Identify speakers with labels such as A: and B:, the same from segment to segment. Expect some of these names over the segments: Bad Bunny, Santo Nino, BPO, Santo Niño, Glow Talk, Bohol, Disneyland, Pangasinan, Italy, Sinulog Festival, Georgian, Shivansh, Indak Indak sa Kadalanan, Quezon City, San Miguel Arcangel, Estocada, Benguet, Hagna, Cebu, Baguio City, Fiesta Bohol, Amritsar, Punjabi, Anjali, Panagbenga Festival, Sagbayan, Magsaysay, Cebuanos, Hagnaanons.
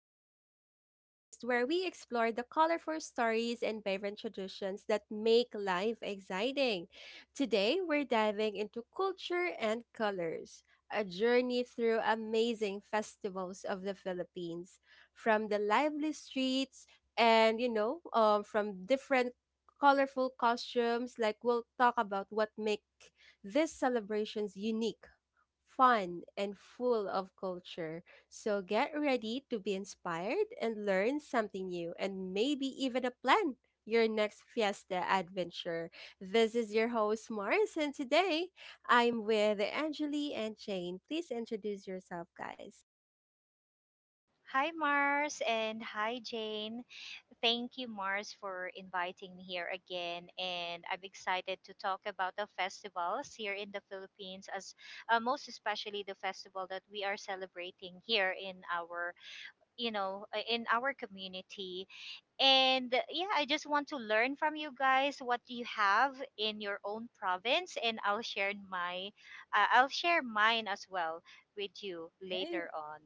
A: Talk, the podcast where we explore the colorful stories and vibrant traditions that make life exciting. Today, we're diving into culture and colors, a journey through amazing festivals of the Philippines, from the lively streets from different colorful costumes. We'll talk about what make these celebrations unique fun, and full of culture. So get ready to be inspired and learn something new and maybe even a plan your next fiesta adventure. This is your host Mars, and today I'm with Angeli and Jane. Please introduce yourself, guys.
B: Hi, Mars, and hi, Jane. Thank you, Mars, for inviting me here again. And I'm excited to talk about the festivals here in the Philippines, as most especially the festival that we are celebrating here in our community. And yeah, I just want to learn from you guys what you have in your own province, and I'll share mine as well with you
A: Right.
B: later on.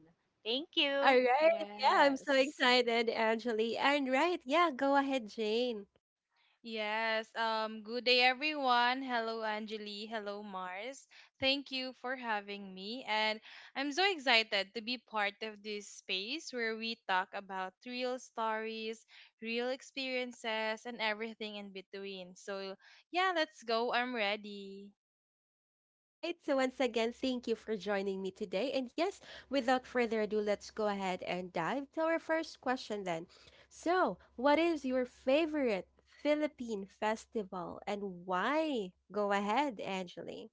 B: Thank
A: All
B: you.
A: right. Yeah, I'm so
C: Yes.
A: excited, Angeli. And right, yeah, go ahead, Jane.
C: Yes. Good day, everyone. Hello, Anjali. Hello, Mars. Thank you for having me. And I'm so excited to be part of this space where we talk about real stories, real experiences, and everything in between. So, yeah, let's go. I'm ready.
A: Right. So once again, thank you for joining me today. And yes, without further ado, let's go ahead and dive to our first question then. So, what is your favorite Philippine festival and why? Go ahead, Angeli.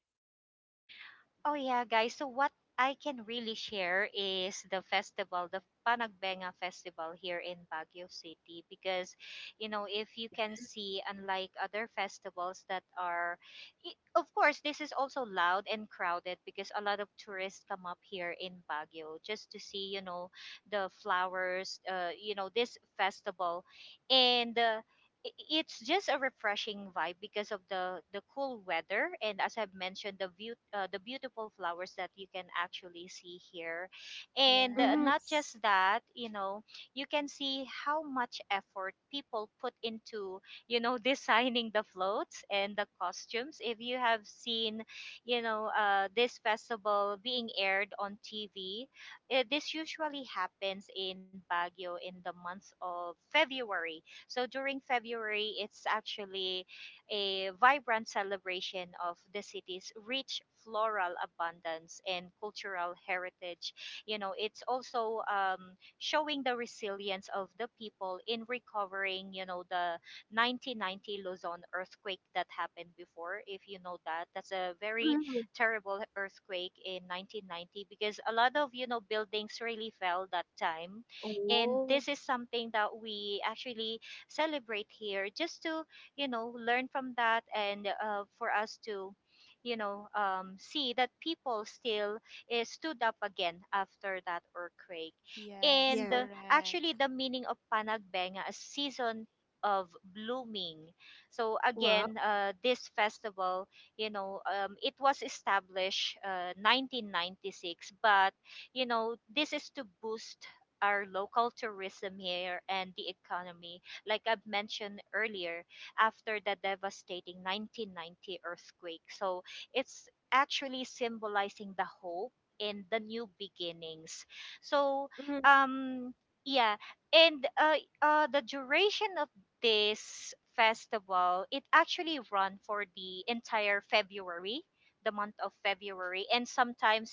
B: Oh yeah, guys. So what I can really share is the festival, the Panagbenga Festival here in Baguio City because, you know, if you
A: Yeah.
B: can see, unlike other festivals that are of course, this is also loud and crowded because a lot of tourists come up here in Baguio just to see, the flowers, this festival. And i- it's just a refreshing vibe because of the cool weather, and as I've mentioned, the view, the beautiful flowers that you can actually see here. And
A: Mm-hmm.
B: not
C: Yes.
B: just that, you know, you can see how much effort people put into, designing the floats and the costumes. If you have seen, this festival being aired on TV, this usually happens in Baguio in the month of February. So during February, it's actually a vibrant celebration of the city's rich floral abundance and cultural heritage. It's also showing the resilience of the people in recovering the 1990 Luzon earthquake that happened before. If you know that, that's a very
A: hmm
B: terrible earthquake in 1990 because a lot of, buildings really fell that time. And
A: Oh,
B: this is something that we actually celebrate here, just to, learn from that, and for us to, see that people still is stood up again after that earthquake.
C: Yes,
B: And
A: yeah.
B: actually,
C: correct.
B: the meaning of panagbenga, a season of blooming. So
A: Wow.
B: again, this festival, it was established, 1996, but, this is to boost our local tourism here and the economy, like I've mentioned earlier, after the devastating 1990 earthquake. So it's actually symbolizing the hope in the new beginnings. So,
A: Mm-hmm.
B: um, yeah, and the duration of this festival, it actually run for the entire February, the month of February, and sometimes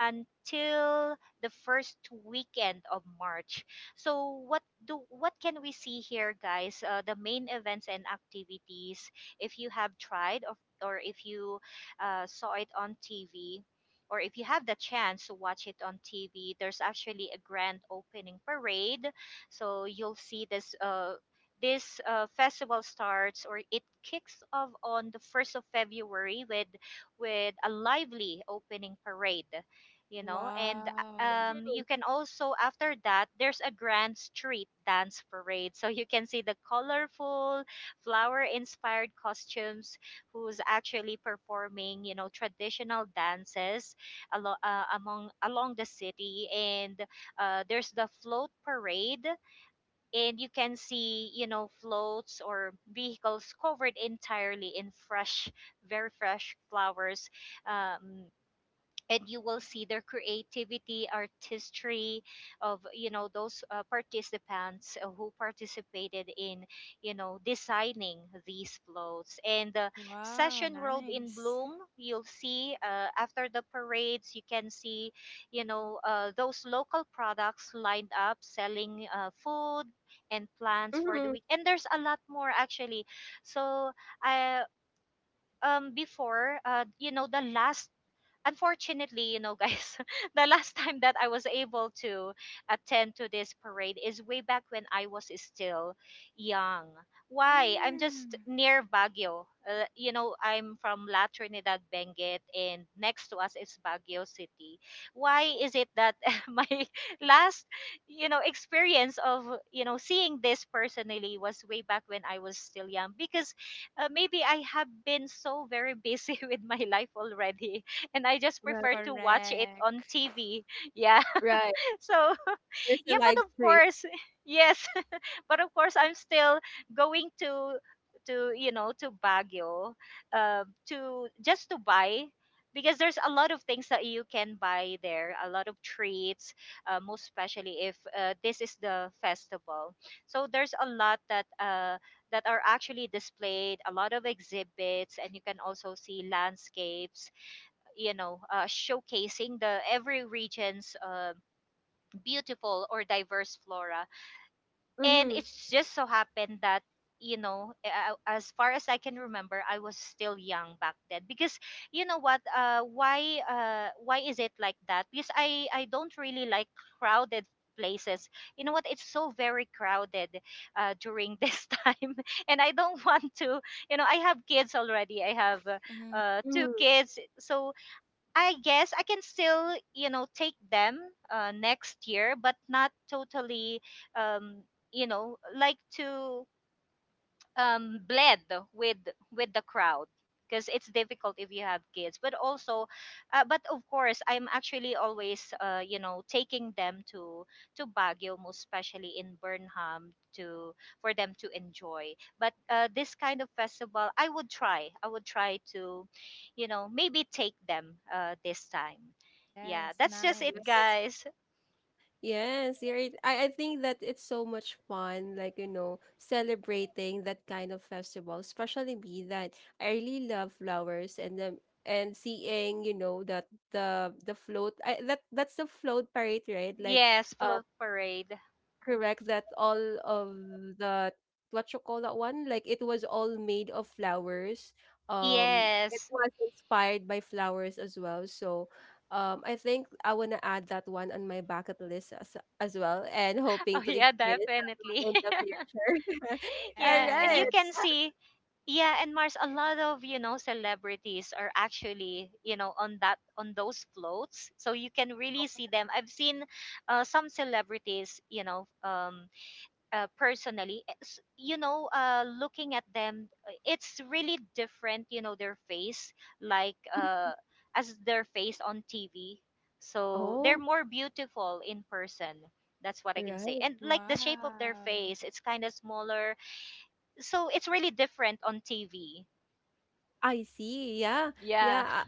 B: until the first weekend of March. So what can we see here, guys? The main events and activities. If you have tried, of or if you, saw it on TV, or if you have the chance to watch it on TV, there's actually a grand opening parade. So you'll see this. This festival starts, or it kicks off, on the 1st of February with a lively opening parade, and,
C: Wow.
B: you can also, after that, there's a grand street dance parade, so you can see the colorful flower inspired costumes who's actually performing, traditional dances alo- among along the city. And there's the float parade, and you can see, floats or vehicles covered entirely in fresh, very fresh flowers. Um, and you will see their creativity, artistry of, those participants who participated in, designing these floats and the
C: Wow,
B: session road in
C: nice.
B: bloom. You'll see, after the parades, you can see, those local products lined up, selling food and plants for the
A: hmm
B: week, and there's a lot more, actually. So I before you know the last Unfortunately, you know, guys, the last time that I was able to attend to this parade is way back when I was still young. Why? I'm just
C: Mm,
B: near Baguio. I'm from La Trinidad, Benguet, and next to us is Baguio City. Why is it that my last, experience of seeing this personally was way back when I was still young? Because maybe I have been so very busy with my life already, and I just
A: Right.
B: prefer to watch it
C: correct.
B: on TV. Yeah.
A: Right.
B: So,
A: There's a
B: yeah,
A: live
B: but of
A: stream.
B: course, yes, but of course, I'm still going to you know to Baguio, to just to buy, because there's a lot of things that you can buy there, a lot of treats, most especially if, this is the festival. So there's a lot that are actually displayed, a lot of exhibits, and you can also see landscapes, showcasing the every region's beautiful or diverse flora. And
A: Mm-hmm.
B: it's just so happened that, as far as I can remember, I was still young back then, because, you know what why, why is it like that? Because I don't really like crowded places. You know what? It's so very crowded during this time, and I don't want to you know I have kids already. I have
C: Mm,
B: two
A: hmm
B: kids, so I guess I can still, take them next year, but not totally, um, like to, bled with with the crowd, because it's difficult if you have kids. But also, but of course, I'm actually always, taking them to Baguio, most especially in Burnham, to, for them to enjoy. But this kind of festival, I would try to, maybe take them this time. Yeah,
C: yes,
B: that's just it,
C: nice.
B: guys.
A: Yes, you're right. I think that it's so much fun, celebrating that kind of festival, especially me that I really love flowers and and seeing, you know, that the float that that's the float parade, right? Like
B: Yes,
A: uh,
B: float parade.
A: correct, that all of the what you call that one? Like it was all made of flowers. It
B: Yes.
A: was inspired by flowers as well. So, I think I wanna add that one on my bucket list as well, and
B: Oh
A: hoping to
B: yeah,
A: experience that
B: definitely.
A: one in the future. All
B: Yeah, and
A: right.
B: you can
C: Yes.
B: see, yeah, and Mars, a lot of, celebrities are actually, on that on those floats, so you can really see them. I've seen some celebrities, you know, personally, looking at them, it's really different, you know, their face, like, as their face on TV. So they're
A: Oh,
B: more beautiful in person. That's what I can say.
A: right.
B: And like, the shape of their
C: Wow.
B: face, it's kind of smaller, so it's really different on TV.
A: I see. Yeah.
B: Yeah.
A: Yeah.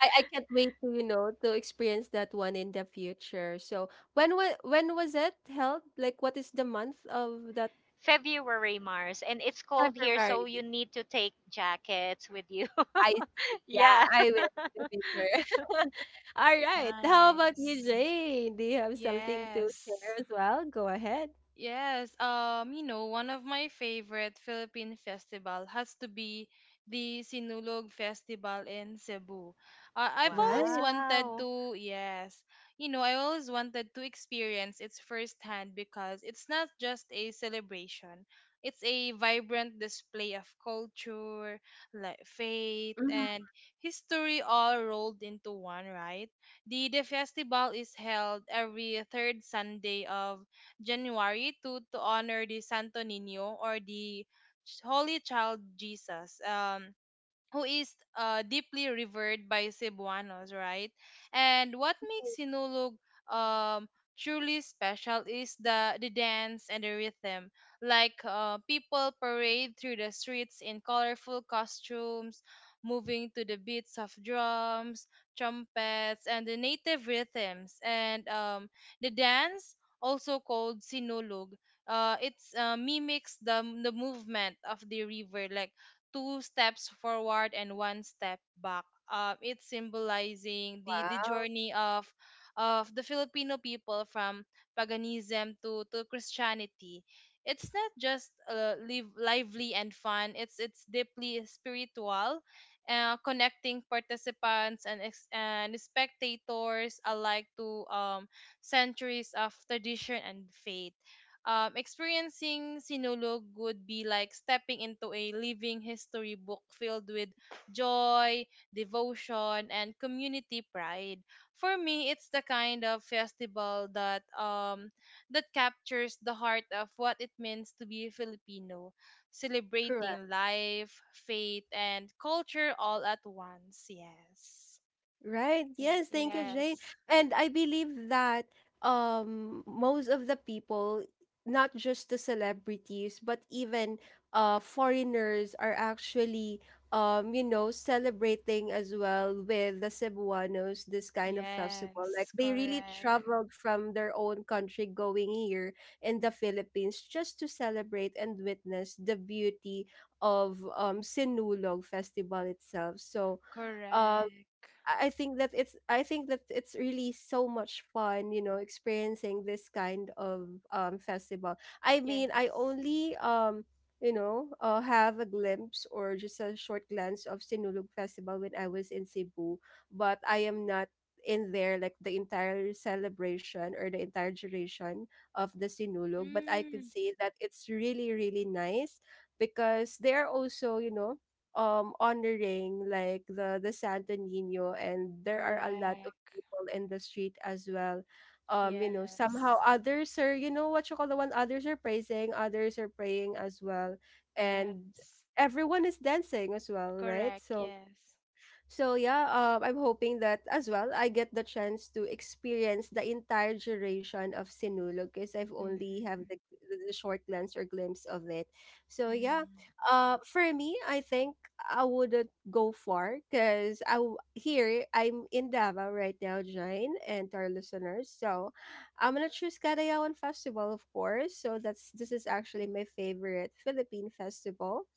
A: I can't wait to you know to experience that one in the future. So when was it held? Like what is the month of that?
B: February, Mars, and it's cold here, so
A: February.
B: you need to take jackets with you.
A: I see. Yeah,
B: Yeah.
A: I will in the future. All right. How about you,
C: Nice.
A: Jane? Do you have something to share
C: Yes.
A: as well? Go ahead.
C: Yes, one of my favorite Philippine festival has to be the Sinulog Festival in Cebu. I've always
A: Right.
C: wanted
B: Wow.
C: to, yes, I always wanted to experience it firsthand because it's not just a celebration. It's a vibrant display of culture, like faith
A: hmm
C: and history all rolled into one, right? The festival is held every third Sunday of January to honor the Santo Nino or the Holy Child Jesus. Who is deeply revered by Cebuanos, right? And what makes Sinulog um, truly special is the dance and the rhythm. Like, people parade through the streets in colorful costumes, moving to the beats of drums, trumpets, and the native rhythms. And the dance, also called Sinulog, it mimics the movement of the river, like two steps forward and one step back. It's symbolizing the
A: Wow.
C: journey of the Filipino people from paganism to Christianity. It's not just lively and fun. It's deeply spiritual, connecting participants and spectators alike to centuries of tradition and faith. Experiencing Sinulog would be like stepping into a living history book filled with joy, devotion, and community pride. For me, it's the kind of festival that captures the heart of what it means to be a Filipino,
A: Correct.
C: celebrating life, faith, and culture all at once. Yes.
A: Right. Yes, thank you,
C: Yeah.
A: Jane.
C: Yes.
A: And I believe that most of the people, not just the celebrities, but even foreigners are actually you know, celebrating as well with the Cebuanos this kind of festival. Like
C: Yes.
A: they really
C: Correct.
A: traveled from their own country going here in the Philippines just to celebrate and witness the beauty of Sinulog festival itself. So uh,
C: Correct.
A: I think that it's I think that it's really so much fun, you know, experiencing this kind of festival. I mean, I
C: Yes.
A: only have a glimpse or just a short glance of Sinulog Festival when I was in Cebu, but I am not in there like the entire celebration or the entire duration of the Sinulog. But I could
C: Mhm.
A: say that it's really really nice because they are also you know honoring like the Santo Nino, and there are a lot of
C: Correct.
A: people in the street as well. You know, somehow
C: Yes.
A: others are, you know, what you call the one, others are praising, others are praying as well. And
C: Yes.
A: everyone is dancing as well, right?
C: Correct.
A: So
C: Yes.
A: so yeah, I'm hoping that as well I get the chance to experience the entire duration of Sinulog because I've only have
C: Mm-hmm.
A: the short glance or glimpse of it. So yeah,
C: Mm.
A: for me, I think I wouldn't go far because here I'm in Davao right now, Jane, and to our listeners. So I'm gonna choose Cagayawan Festival, of course. So that's this is actually my favorite Philippine festival.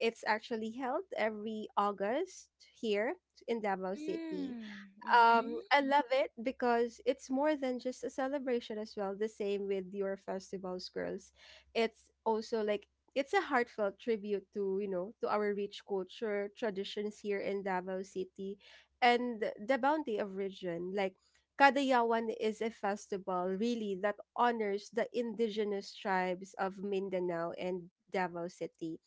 A: It's actually held every August here in Davao City.
C: Mm. Mm-hmm.
A: I love it because it's more than just a celebration as well. The same with your festivals, girls. It's also it's a heartfelt tribute to you know to our rich culture traditions here in Davao City, and the bounty of region like. Kadayawan is a festival really that honors the indigenous tribes of Mindanao and Davao City,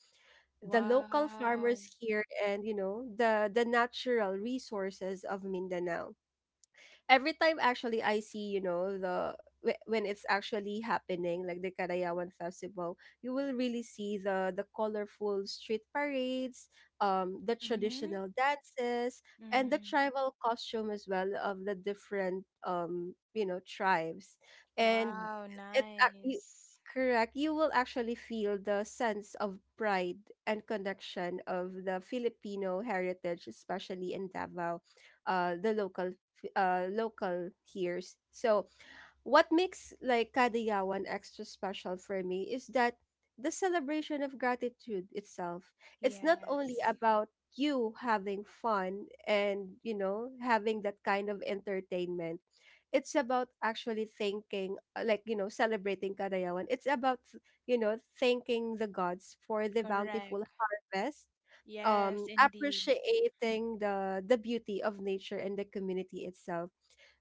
A: the local
C: Wow.
A: farmers here, and you know the natural resources of Mindanao. Every time actually I see, you know, when it's actually happening, like the Karayawan Festival, you will really see the colorful street parades, the
C: Mm-hmm.
A: traditional dances, and the
C: Mm.
A: tribal costume as well of the different, you know, tribes, and
C: Wow.
A: it's ac- you-
C: Nice.
A: correct. You will actually feel the sense of pride and connection of the Filipino heritage, especially in Davao. The local hears. So what makes like Kadayawan extra special for me is that the celebration of gratitude itself. It's not only
C: Yes.
A: about you having fun and you know having that kind of entertainment. It's about actually thanking like you know celebrating Kadayawan. It's about you know thanking the gods for the bountiful
C: Correct.
A: harvest,
C: Yes, indeed.
A: appreciating the beauty of nature and the community itself.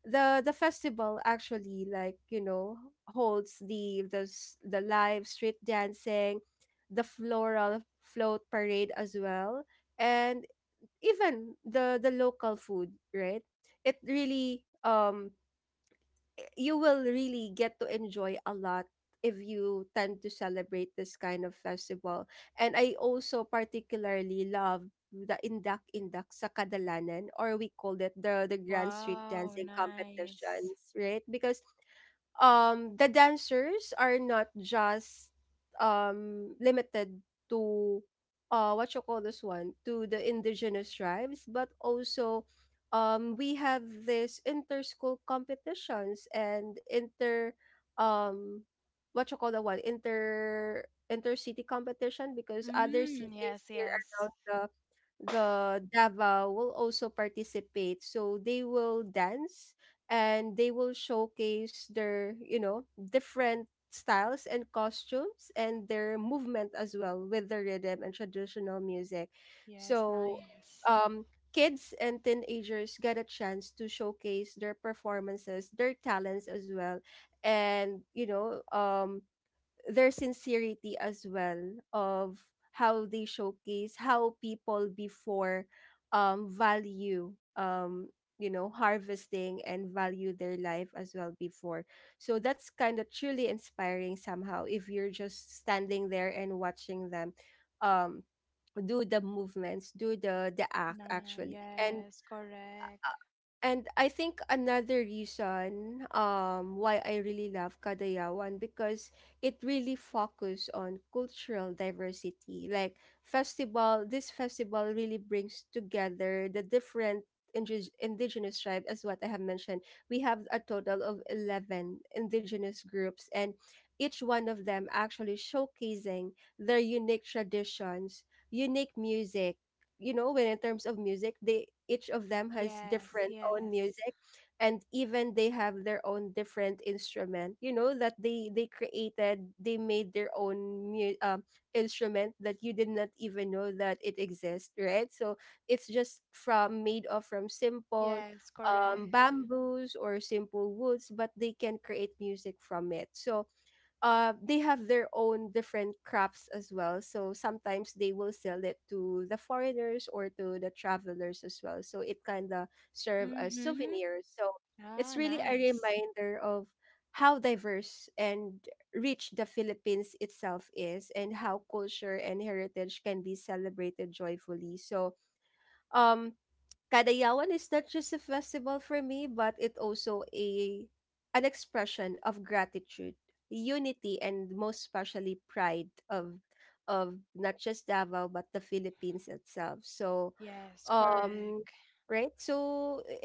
A: The festival actually like you know holds the the live street dancing, the floral float parade as well, and even the local food, right? It really you will really get to enjoy a lot if you tend to celebrate this kind of festival. And I also particularly love the Indak Indak sa Kadalanan, or we called it the Grand Street
C: Wow.
A: Dancing
C: Nice.
A: Competitions, right? Because the dancers are not just limited to what you call this one to the indigenous tribes, but also we have this inter-school competitions and inter um what you call the one inter inter-city competition, because other
C: Mm.
A: cities
C: Yes.
A: here
C: Yes.
A: around the Davao will also participate. So they will dance and they will showcase their you know different styles and costumes and their movement as well with the rhythm and traditional music.
C: Yes.
A: So
C: Nice.
A: um kids and teenagers get a chance to showcase their performances, their talents as well, and you know their sincerity as well of how they showcase how people before value you know harvesting and value their life as well before. So that's kind of truly inspiring somehow if you're just standing there and watching them um do the movements, do the
C: Nah,
A: actually. and
C: yes. Correct.
A: and I think another reason why I really love Kadayawan because it really focus on cultural diversity. Like festival, this festival really brings together the different indigenous tribes as what I have mentioned. We have a total of 11 indigenous groups, and each one of them actually showcasing their unique traditions, unique music, you know when in terms of music they each of them has
C: Yes,
A: different own
C: yes.
A: music, and even they have their own different instrument you know that they created, they made their own instrument that you did not even know that it exists, right? So it's just from made of from simple
C: Yes, correct.
A: bamboos or simple woods, but they can create music from it. So they have their own different crafts as well, so sometimes they will sell it to the foreigners or to the travelers as well, so it kind of serve as
C: Mm-hmm.
A: souvenirs. So it's
C: Ah,
A: really a
C: nice.
A: reminder of how diverse and rich the Philippines itself is, and how culture and heritage can be celebrated joyfully. So um Kadayawan is not just a festival for me, but it also a an expression of gratitude, unity, and most especially pride of not just Davao but the Philippines itself. So,
C: Yes,
A: um,
C: correct.
A: right. So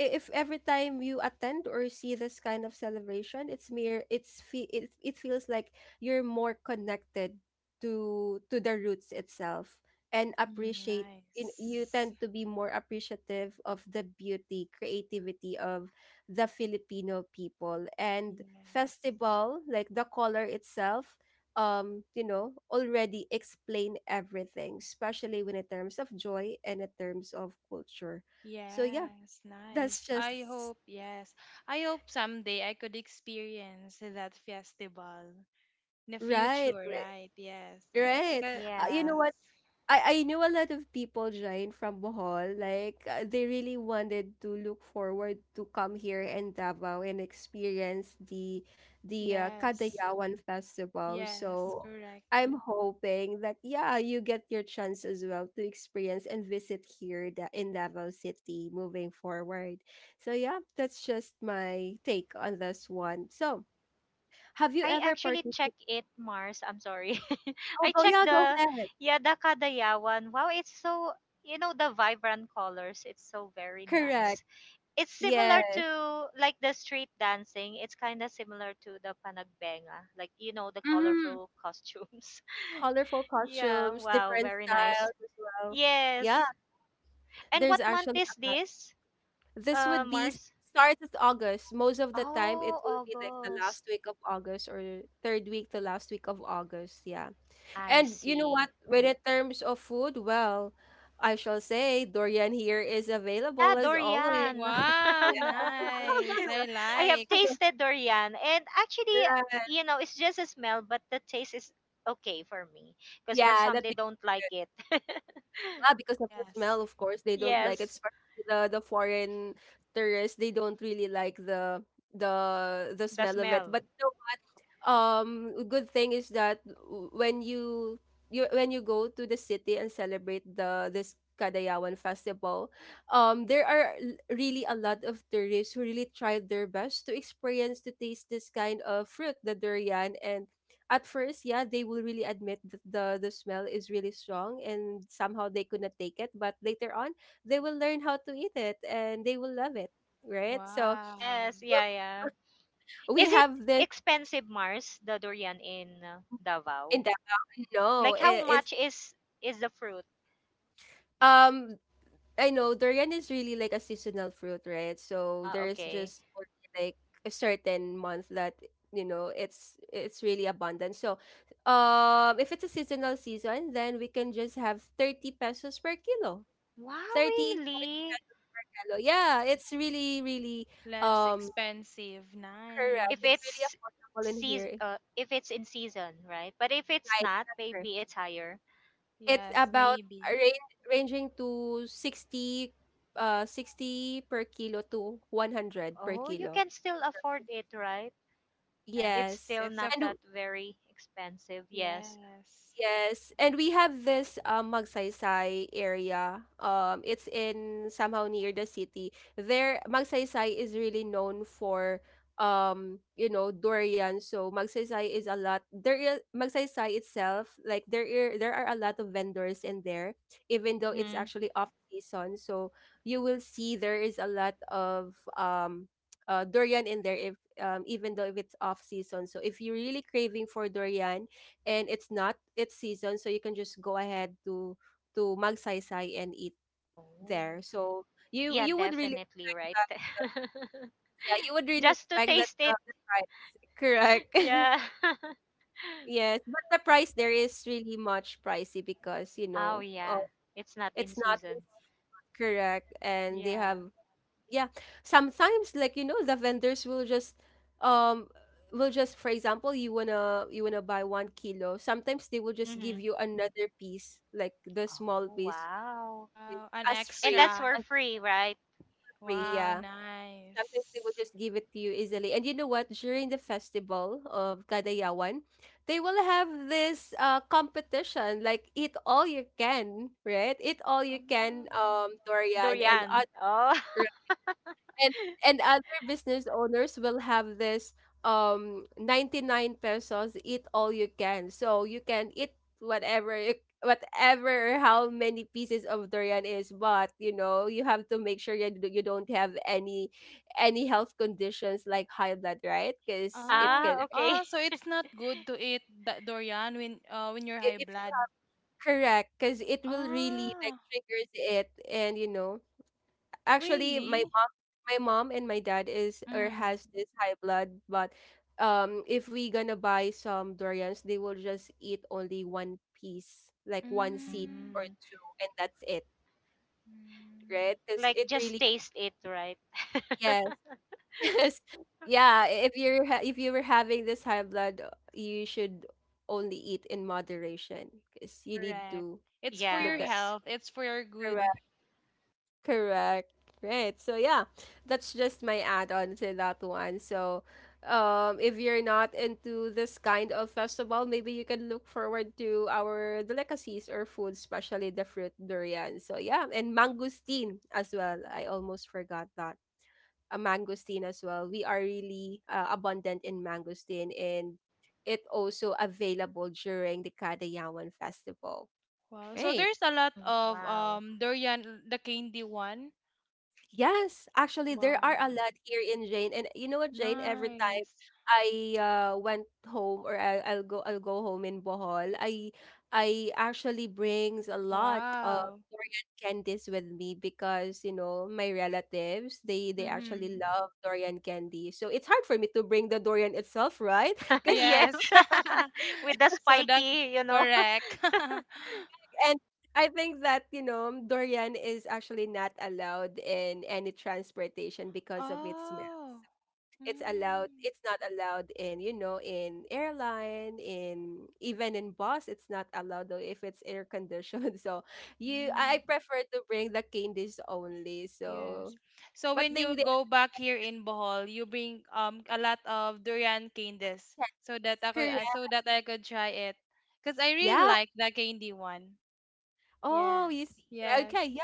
A: if every time you attend or see this kind of celebration, it it feels like you're more connected to the roots itself and
C: Mm,
A: appreciate you
C: nice.
A: tend to be more appreciative of the beauty, creativity of the Filipino people. And
C: Yes.
A: festival, like the color itself, you know, already explain everything, especially when in terms of joy and in terms of culture. So yeah,
C: Yes,
A: that's
C: nice.
A: just
C: I hope, yes. I hope someday I could experience that festival in the
A: right,
C: future,
A: right.
C: right? Yes.
A: Right.
C: Ca-
A: You
B: Yeah.
A: know,
C: yes.
A: I know a lot of people, Jane, from Bohol. Like they really wanted to look forward to come here in Davao and experience the
C: Yes.
A: Kadayawan Festival.
C: Yes,
A: So
C: correct.
A: I'm hoping that yeah, you get your chance as well to experience and visit here in Davao City moving forward. So yeah, that's just my take on this one. So have you
B: I
A: ever
B: actually
A: participated?
B: checked it, Mars. I'm sorry.
A: Oh,
B: I
A: oh
B: checked
A: yeah, go
B: the,
A: ahead.
B: yeah, the Kadayawan. Wow, it's so, the vibrant colors. It's so very
A: Correct.
B: nice. It's similar
A: Yes.
B: to, like, the street dancing. It's kind of similar to the panagbenga, like, the
A: Mm-hmm.
B: colorful costumes.
A: Colorful
B: Yeah,
A: costumes,
B: wow,
A: different
B: very nice.
A: styles as well. Yeah,
B: Yes. And
A: there's
B: what month
A: actually
B: is
A: a lot.
B: this?
A: This would be s-
B: Mars?
A: Start of August. Most of the time, it
B: Oh,
A: will be like the
B: August.
A: last week of August or third week to last week of August. Yeah.
B: I
A: And you know
B: see.
A: what? When in terms of food, well, I shall say Dorian here is
B: Yeah,
A: available as always.
B: durian.
C: Wow,
A: Yeah.
C: nice. I
B: I have
C: like.
B: tasted durian, and actually,
A: Right.
B: you know, it's just a smell, but the taste is okay for me, because for
A: Yeah,
B: some,
A: that
B: they don't like it.
A: Yeah, because of the
C: Yes.
A: smell, of course, they don't like it.
B: Yes,
A: Especially the foreign tourists, they don't really like the the
B: the
A: smell of it.
B: smell.
A: But good thing is that w- when you when you go to the city and celebrate the this Kadayawan festival. There are really a lot of tourists who really tried their best to experience to taste this kind of fruit, the durian. And at first, yeah, they will really admit that the smell is really strong and somehow they could not take it, but later on they will learn how to eat it and they will love it, right? So
C: Wow.
B: Yes, yeah,
A: w-
B: yeah.
A: we
B: Is it
A: have this
B: expensive, Mars, the durian in
A: in
B: Davao?
A: Davao. No,
B: Like, how
A: it's
B: much is the fruit?
A: Um, I know durian is really like a seasonal fruit, right? So
B: Ah,
A: there's
B: okay.
A: just only like a certain month that, you know, it's really abundant. So, if it's a seasonal season, then we can just have 30 pesos per kilo.
B: Wow,
A: 30 for
B: really?
A: yellow. Yeah, it's really really
C: Less
A: um
C: expensive.
A: correct.
B: If
A: It's really
C: Nice.
B: it's
A: affordable in here.
B: seas
A: It's
B: uh, if it's in season, right? But if it's
A: right,
B: not,
A: that's correct.
B: maybe it's higher.
A: It's
C: Yes,
A: about a
C: maybe.
A: range ranging to sixty 60 per kilo to 100 per
B: Oh, you
A: kilo.
B: can still afford it, right? It's
A: Yes.
C: Yes,
B: still
C: it's
B: not
C: a
A: And
B: that
A: w-
B: very expensive. Yes.
C: yes.
A: Yes, and we have this Magsaysay area. It's in somehow near the city. There, Magsaysay is really known for, you know, durian. So Magsaysay is a lot. There is Magsaysay itself. Like there are a lot of vendors in there, even though it's
B: Mhm.
A: actually off season. So you will see there is a lot of durian in there. If Even though if it's off season. So if you're really craving for durian and it's not it's season, so you can just go ahead to Magsaysay and eat
B: Oh.
A: there. So you
B: Yeah,
A: you would really
B: definitely,
A: expect
B: right?
A: that, yeah, you would really
B: Just to
A: expect that
B: taste
A: the,
B: it.
A: the price correct
B: Yeah.
A: yes, but the price there is really much pricey because, you
B: Oh,
A: know,
B: yeah. It's not in
A: it's not
B: season.
A: correct. And they have,
B: Yeah.
A: yeah, sometimes, like, you know, the vendors will just, um will just, for example, you wanna buy 1 kilo, sometimes they will just give
B: Mhm.
A: you another piece, like the small
B: Oh,
A: piece.
B: wow.
A: you-
C: Wow, an
A: as
B: And
A: free
B: that's
C: extra.
B: for
A: as
B: free, right?
A: free,
C: Wow,
A: yeah, sometimes they will
C: nice.
A: just give it to you easily. And you know what, during the festival of Kadayawan, they will have this competition, like eat all you can, right? Eat all you
C: Oh,
A: can dorian. And
B: Durian.
A: other
B: Oh.
A: and and other business owners will have this 99 pesos eat all you can, so you can eat whatever whatever or how many pieces of durian is. But you know, you have to make sure you don't have any health conditions like high blood, right? Because it
C: oh,
A: can,
B: Ah, okay.
C: oh. So it's not good to eat that durian when when you're high
A: if
C: blood.
A: correct, because it will really like
C: Ah,
A: triggers it. And you know, actually,
C: really?
A: my mom and my dad is or
C: Mm.
A: has this high blood. But if we gonna buy some durians, they will just eat only one piece, like one seed
C: Mm.
A: or
B: Mm.
A: two, and that's it, right?
C: Mm.
A: Because
B: Like,
A: it
B: just
A: really,
B: taste it, right?
A: yes, yes, yeah. If you were having this high blood, you should only eat in moderation, because you need
C: Correct.
A: to
C: It's for your
A: look at.
B: Yes.
C: health. It's for your good.
A: Correct. Right. So yeah, that's just my add-on to that one. So, if you're not into this kind of festival, maybe you can look forward to our delicacies or food, especially the fruit durian. So yeah, and mangosteen as well. I almost forgot that. A mangosteen as well. We are really abundant in mangosteen, and it also available during the Kadayawan festival.
C: Wow. So
A: Right.
C: there's a lot
B: Mm,
C: of
B: wow.
C: durian, the candy one.
A: Yes, actually, there are
C: Wow.
A: a lot here in Jane. And you know what, Jane? Every time
C: Nice.
A: I went home, or I'll go home in Bohol, I actually brings a lot of
C: Wow.
A: candies with me, because you know my relatives, they actually
C: Mm-hmm.
A: love Dorian candy. So it's hard for me to bring the Dorian itself, right? 'Cause-
B: Yes.
C: Yes.
B: With the
C: So that
B: spiky, you know.
C: correct.
A: and I think that, you know, Dorian is actually not allowed in any transportation because of its smell.
C: Oh. Mm.
A: It's not allowed in, you know, in airline, in even in bus. It's not allowed though if it's air conditioned. So you I
C: Mm.
A: prefer to bring the candies only. So
C: Yes. So
A: but
C: when you
A: they are
C: go back here in Bohol, you bring a lot of durian candies
A: candies, correct,
C: so that I could try it. Because I really
A: yeah.
C: like the candy one.
A: Oh, you
C: Yes.
A: see,
C: Yes.
A: okay,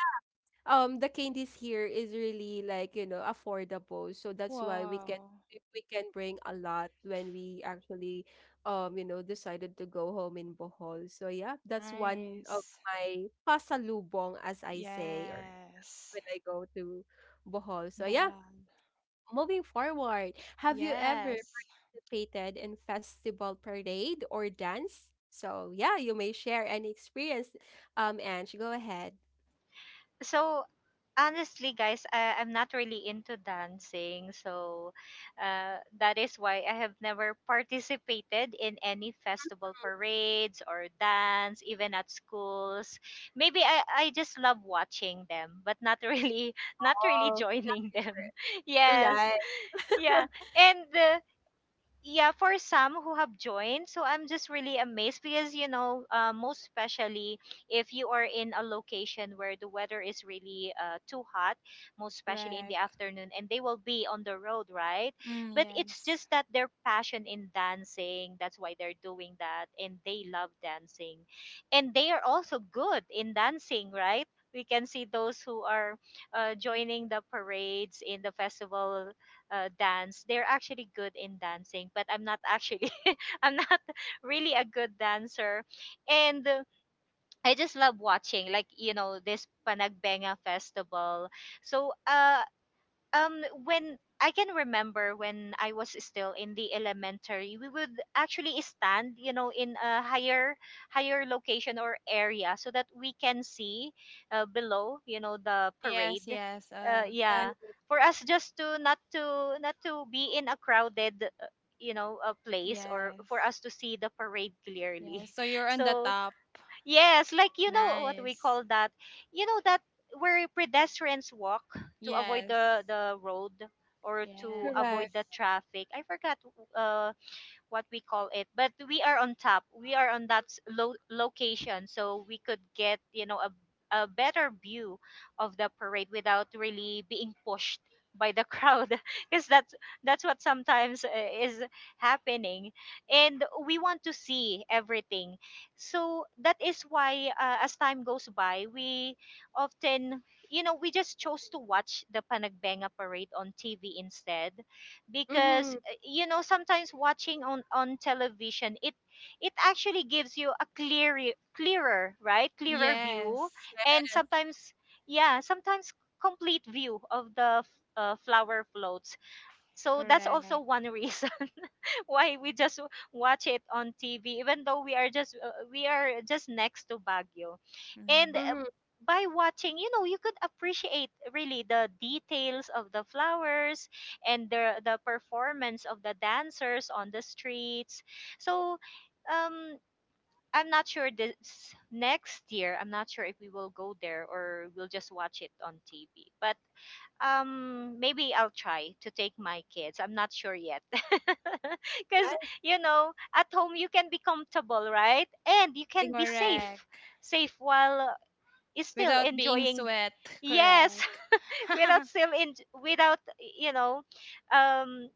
A: the candies here is really like, you know, affordable, so that's why
C: Wow.
A: we can bring a lot when we actually, you know, decided to go home in Bohol. So yeah, that's one of
C: Nice.
A: my pasalubong, as I say, or
C: Yes.
A: when I go to Bohol. So yeah,
C: Bahal.
A: moving forward, have you ever
C: Yes.
A: participated in festival parade or dance? So yeah, you may share any experience. Ange, go ahead.
B: So honestly, guys, I'm not really into dancing, so that is why I have never participated in any festival parades or dance, even at schools. Maybe I just love watching them, but not really not really
A: Oh,
B: joining them. Yes.
A: right,
B: Yeah. And yeah, for some who have joined, so I'm just really amazed, because, most especially if you are in a location where the weather is really, too hot, most especially in the
C: Correct.
B: afternoon, and they will be on the road, right?
C: Mm,
B: But it's
C: yes.
B: just that their passion in dancing, that's why they're doing that, and they love dancing, and they are also good in dancing, right? We can see those who are joining the parades in the festival dance. They're actually good in dancing, but I'm not actually I'm not really a good dancer. And I just love watching, like, this panagbenga festival. So when I can remember, when I was still in the elementary, we would actually stand, you know, in a higher location or area, so that we can see, below, the
C: Mm, yes,
B: parade.
C: yes.
B: Uh,
A: right,
B: yeah, for us just to not to be in a crowded, you know, a place, or for
C: Yes.
B: us to see the parade
C: Yes.
B: clearly.
C: So you're on the
B: So,
C: top.
B: yes, like, you know what we
C: Nice.
B: call that? You know that where pedestrians walk to avoid
C: Yes.
B: the road or to avoid
A: correct.
B: the
C: Yes.
B: traffic. I forgot uh what we call it, but we are on top, we are on that location so we could get, you know, a better view of the parade without really being pushed by the crowd because that's what sometimes is happening, and we want to see everything. So that is why, as time goes by, we often, you know, we just chose to watch the Panagbenga parade on TV instead. Because,
A: Mhm,
B: you know, sometimes watching on television, it actually gives you a clearer view,
C: Yes.
B: and sometimes, yeah, sometimes complete view of the flower floats. So that's also
C: Correct.
B: one reason why we just watch it on TV, even though we are just next to Baguio. And
C: Mm.
A: mhm,
B: by watching, you know, you could appreciate really the details of the flowers and the performance of the dancers on the streets. So um I'm not sure this next year, I'm not sure if we will go there or we'll just watch it on TV. But maybe I'll try to take my kids. I'm not sure yet. Cuz
A: right,
B: you know, at home you can be comfortable, right? And you can be
A: exactly,
B: safe.
C: Correct.
B: Safe while is still
C: Without being
B: enjoying,
C: sweat.
B: yes,
C: Correct.
B: without still in without, you know, um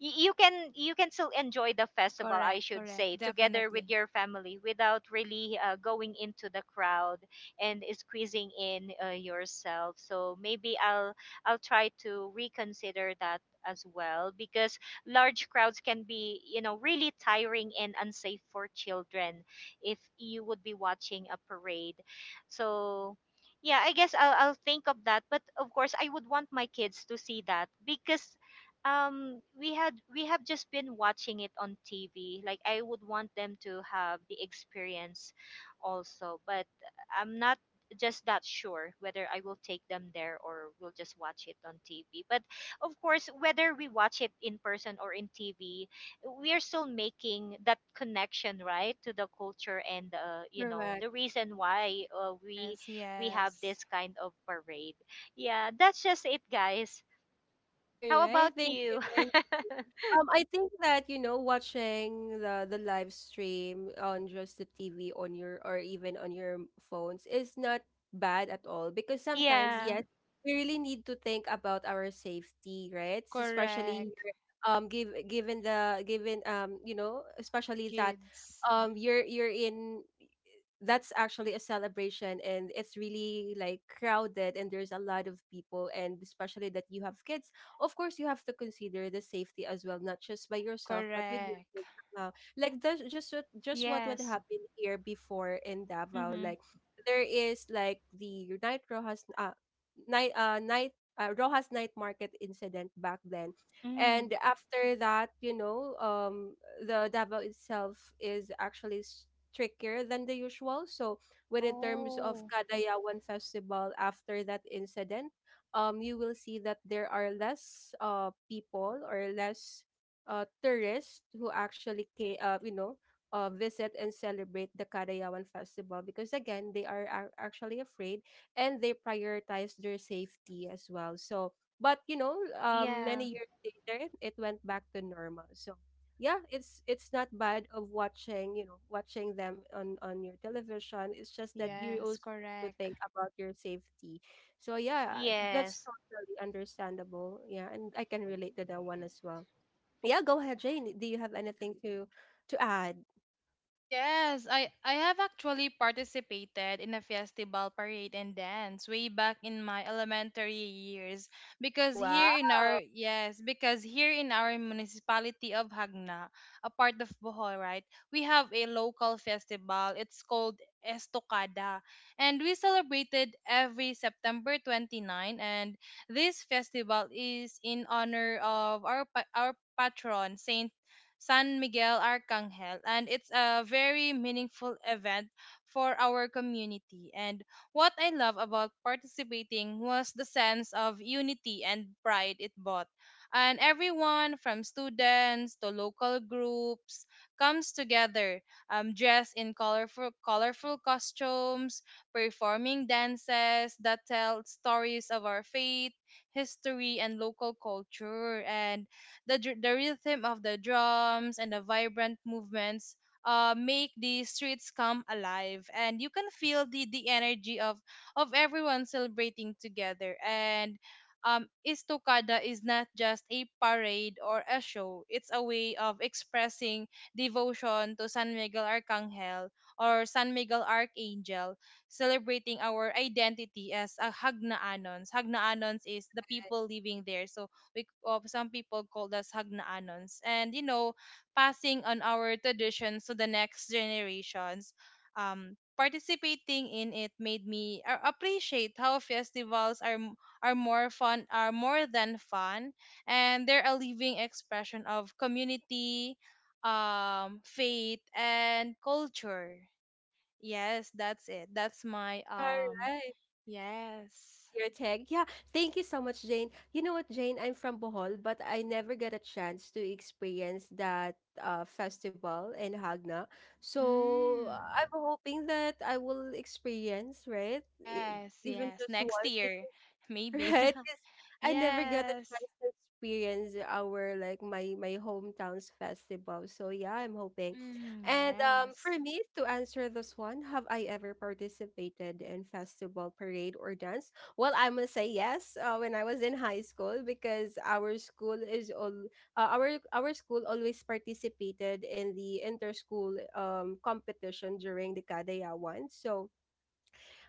B: you can, you can still enjoy the festival, I
C: correct.
B: should
C: Correct.
B: say, together with
C: Definitely.
B: your family, without really going into the crowd and squeezing in, yourself. So maybe I'll try to reconsider that as well, because large crowds can be, you know, really tiring and unsafe for children if you would be watching a parade. So yeah, I guess I'll think of that, but of course I would want my kids to see that. Because we have just been watching it on TV. Like, I would want them to have the experience also. But I'm not just that sure whether I will take them there or we'll just watch it on TV. But of course, whether we watch it in person or in TV, we are still making that connection, right, to the culture and, you know,
A: correct.
B: the reason why,
C: Yes.
B: we have
C: Yes.
B: this kind of parade. Yeah, that's just it, guys. How
A: Alright,
B: about
A: thank you.
B: you?
A: And I think that, you know, watching the live stream on just the TV on your, or even on your phones, is not bad at all. Because sometimes,
B: Yeah.
A: yes, we really need to think about our safety, right?
C: Correct.
A: Especially here, give given the given you know, especially that,
C: Kids.
A: you're in, that's actually a celebration, and it's really like crowded, and there's a lot of people, and especially that you have kids. Of course you have to consider the safety as well, not just by yourself but with your
C: Correct.
A: kids. Somehow, like, that's just what would
B: Yes.
A: happen here before in Davao.
B: Mhm.
A: Like there is like the night rojas night night Rojas night market incident back then.
B: Mm.
A: And after that, you know, the Davao itself is actually trickier than the usual. So within terms of
B: Oh.
A: Kadayawan Festival, after that incident, you will see that there are less people, or less tourists, who actually came, you know, visit and celebrate the Kadayawan Festival, because again they are actually afraid, and they prioritize their safety as well. So but, you know, many
B: Yeah.
A: years later, it went back to normal. So yeah, it's not bad of watching, you know, watching them on your television. It's just that, mhm, you
C: Yes,
A: also need to
C: correct.
A: think about your safety. So yeah, that's
B: Yes.
A: totally understandable. Yeah, and I can relate to that one as well. Yeah, go ahead, Jane, do you have anything to add?
C: Yes, I have actually participated in a festival parade and dance way back in my elementary years because
A: Wow,
C: here in our yes, because here in our municipality of Hagna, a part of Bohol, right? We have a local festival. It's called Estocada, and we celebrated every September 29, and this festival is in honor of our our patron Saint San Miguel Arcangel, and it's a very meaningful event for our community. And what I love about participating was the sense of unity and pride it brought. And everyone from students to local groups comes together, dressed in colorful, colorful costumes, performing dances that tell stories of our faith, history, and local culture. And the rhythm of the drums and the vibrant movements make the streets come alive, and you can feel the energy of everyone celebrating together. And Istokada is not just a parade or a show, it's a way of expressing devotion to San Miguel Arcangel or San Miguel Archangel, celebrating our identity as a Hagnaanons. Hagnaanons is the people living there. So we of some people called us hagnaanons, and passing on our traditions to the next generations. Participating in it made me appreciate how festivals are m- are more fun are more than fun, and they're a living expression of community, faith, and culture. Yes, that's it. That's my
A: all right
C: yes.
A: Your tag. Yeah, thank you so much, Jane. You know what, Jane? I'm from Bohol, but I never got a chance to experience that festival in Hagna. So
C: Mm.
A: I'm hoping that I will experience, right? e-
C: Yes,
A: Even
C: yes.
A: just
C: Next
A: once,
C: year, maybe.
A: right? Because I never got a
C: Yes.
A: chance to experience our like my hometown's festival. So yeah, I'm hoping.
C: Mm,
A: And for
C: yes.
A: me to answer this one, have I ever participated in festival parade or dance? Well, I must say yes. When I was in high school, because our school always participated in the inter school competition during the Kadaya one. So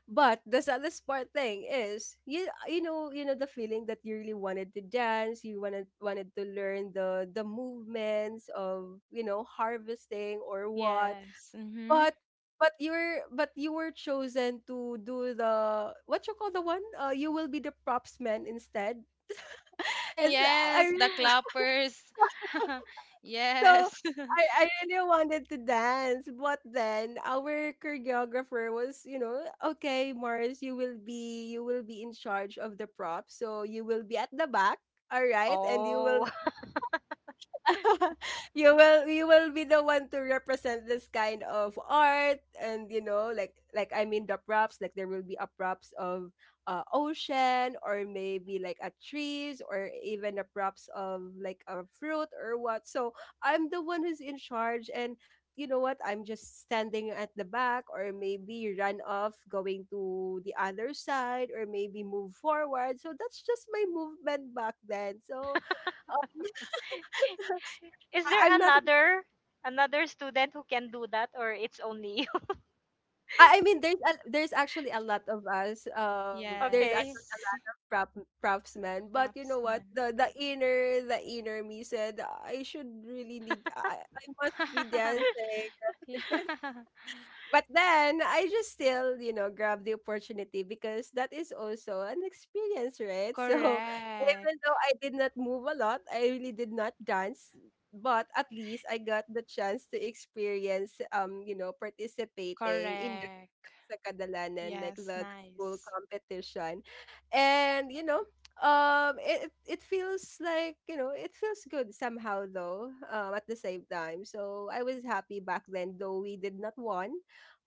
A: but the saddest part thing is, you know the feeling that you really wanted to dance, you wanted wanted to learn the movements of, you know, harvesting or what,
C: Yes. Mm-hmm.
A: but you were chosen to do the what you call the one. You will be the props man instead.
C: Ah,
A: It's
C: yes,
A: I
C: the clappers.
A: so,
C: Yes.
A: I really wanted to dance. But then our choreographer was, you know, "Okay, Mars, you will be in charge of the props. So you will be at the back, all right? And you will
B: Oh.
A: you will be the one to represent this kind of art." And you know, like, the props, like there will be a props of, ocean, or maybe like a trees, or even a props of like a fruit or what. So I'm the one who's in charge. And you know what, I'm just standing at the back, or maybe run off going to the other side, or maybe move forward. So that's just my movement back then. So, um,
B: Is
A: I-
B: there
A: I'm not
B: another, another student who can do that, or it's only you?
A: I mean, there's a, there's actually a lot of us. There's
B: Okay.
A: actually
C: Yes.
A: prop props men. But you know what?
C: Propsman.
A: The inner me said I should really need I must be dancing.
C: Yeah.
A: But then I just still, you know, grab the opportunity, because that is also an experience, right? So even
C: Correct.
A: though I did not move a lot, I really did not dance, but at least I got the chance to experience, you know, participating in
C: Correct.
A: sa kadalanan, like
C: Yes,
A: the school
C: nice.
A: competition. And, you know, it feels like, you know, it feels good somehow though, at the same time. So I was happy back then, though we did not won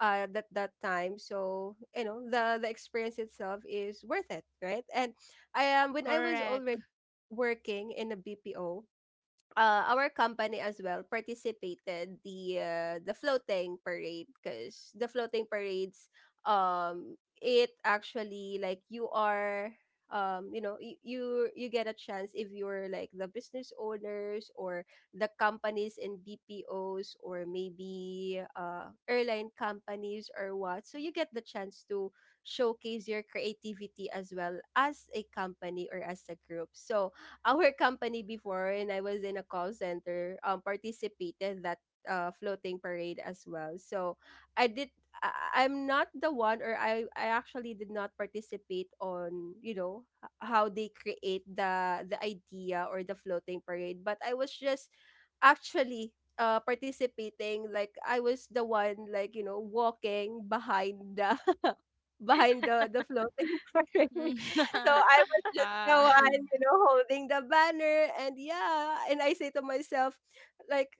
A: at that time. So, you know, the experience itself is worth it, right? And I am when I was
C: Correct.
A: already working in a BPO. Our company as well participated the floating parade, because the floating parades it actually, like, you are you you get a chance if you're like the business owners or the companies in BPOs, or maybe airline companies or what, so you get the chance to showcase your creativity as well, as a company or as a group. So our company before, and I was in a call center, participated that floating parade as well. So I did. I'm not the one, or I actually did not participate on, you know, how they create the idea or the floating parade, but I was just actually participating, like I was the one, like, you know, walking behind the behind the floating
C: Mm.
A: parade. So I was just the
C: Wow.
A: one, you know, holding the banner. And yeah, and I say to myself, like,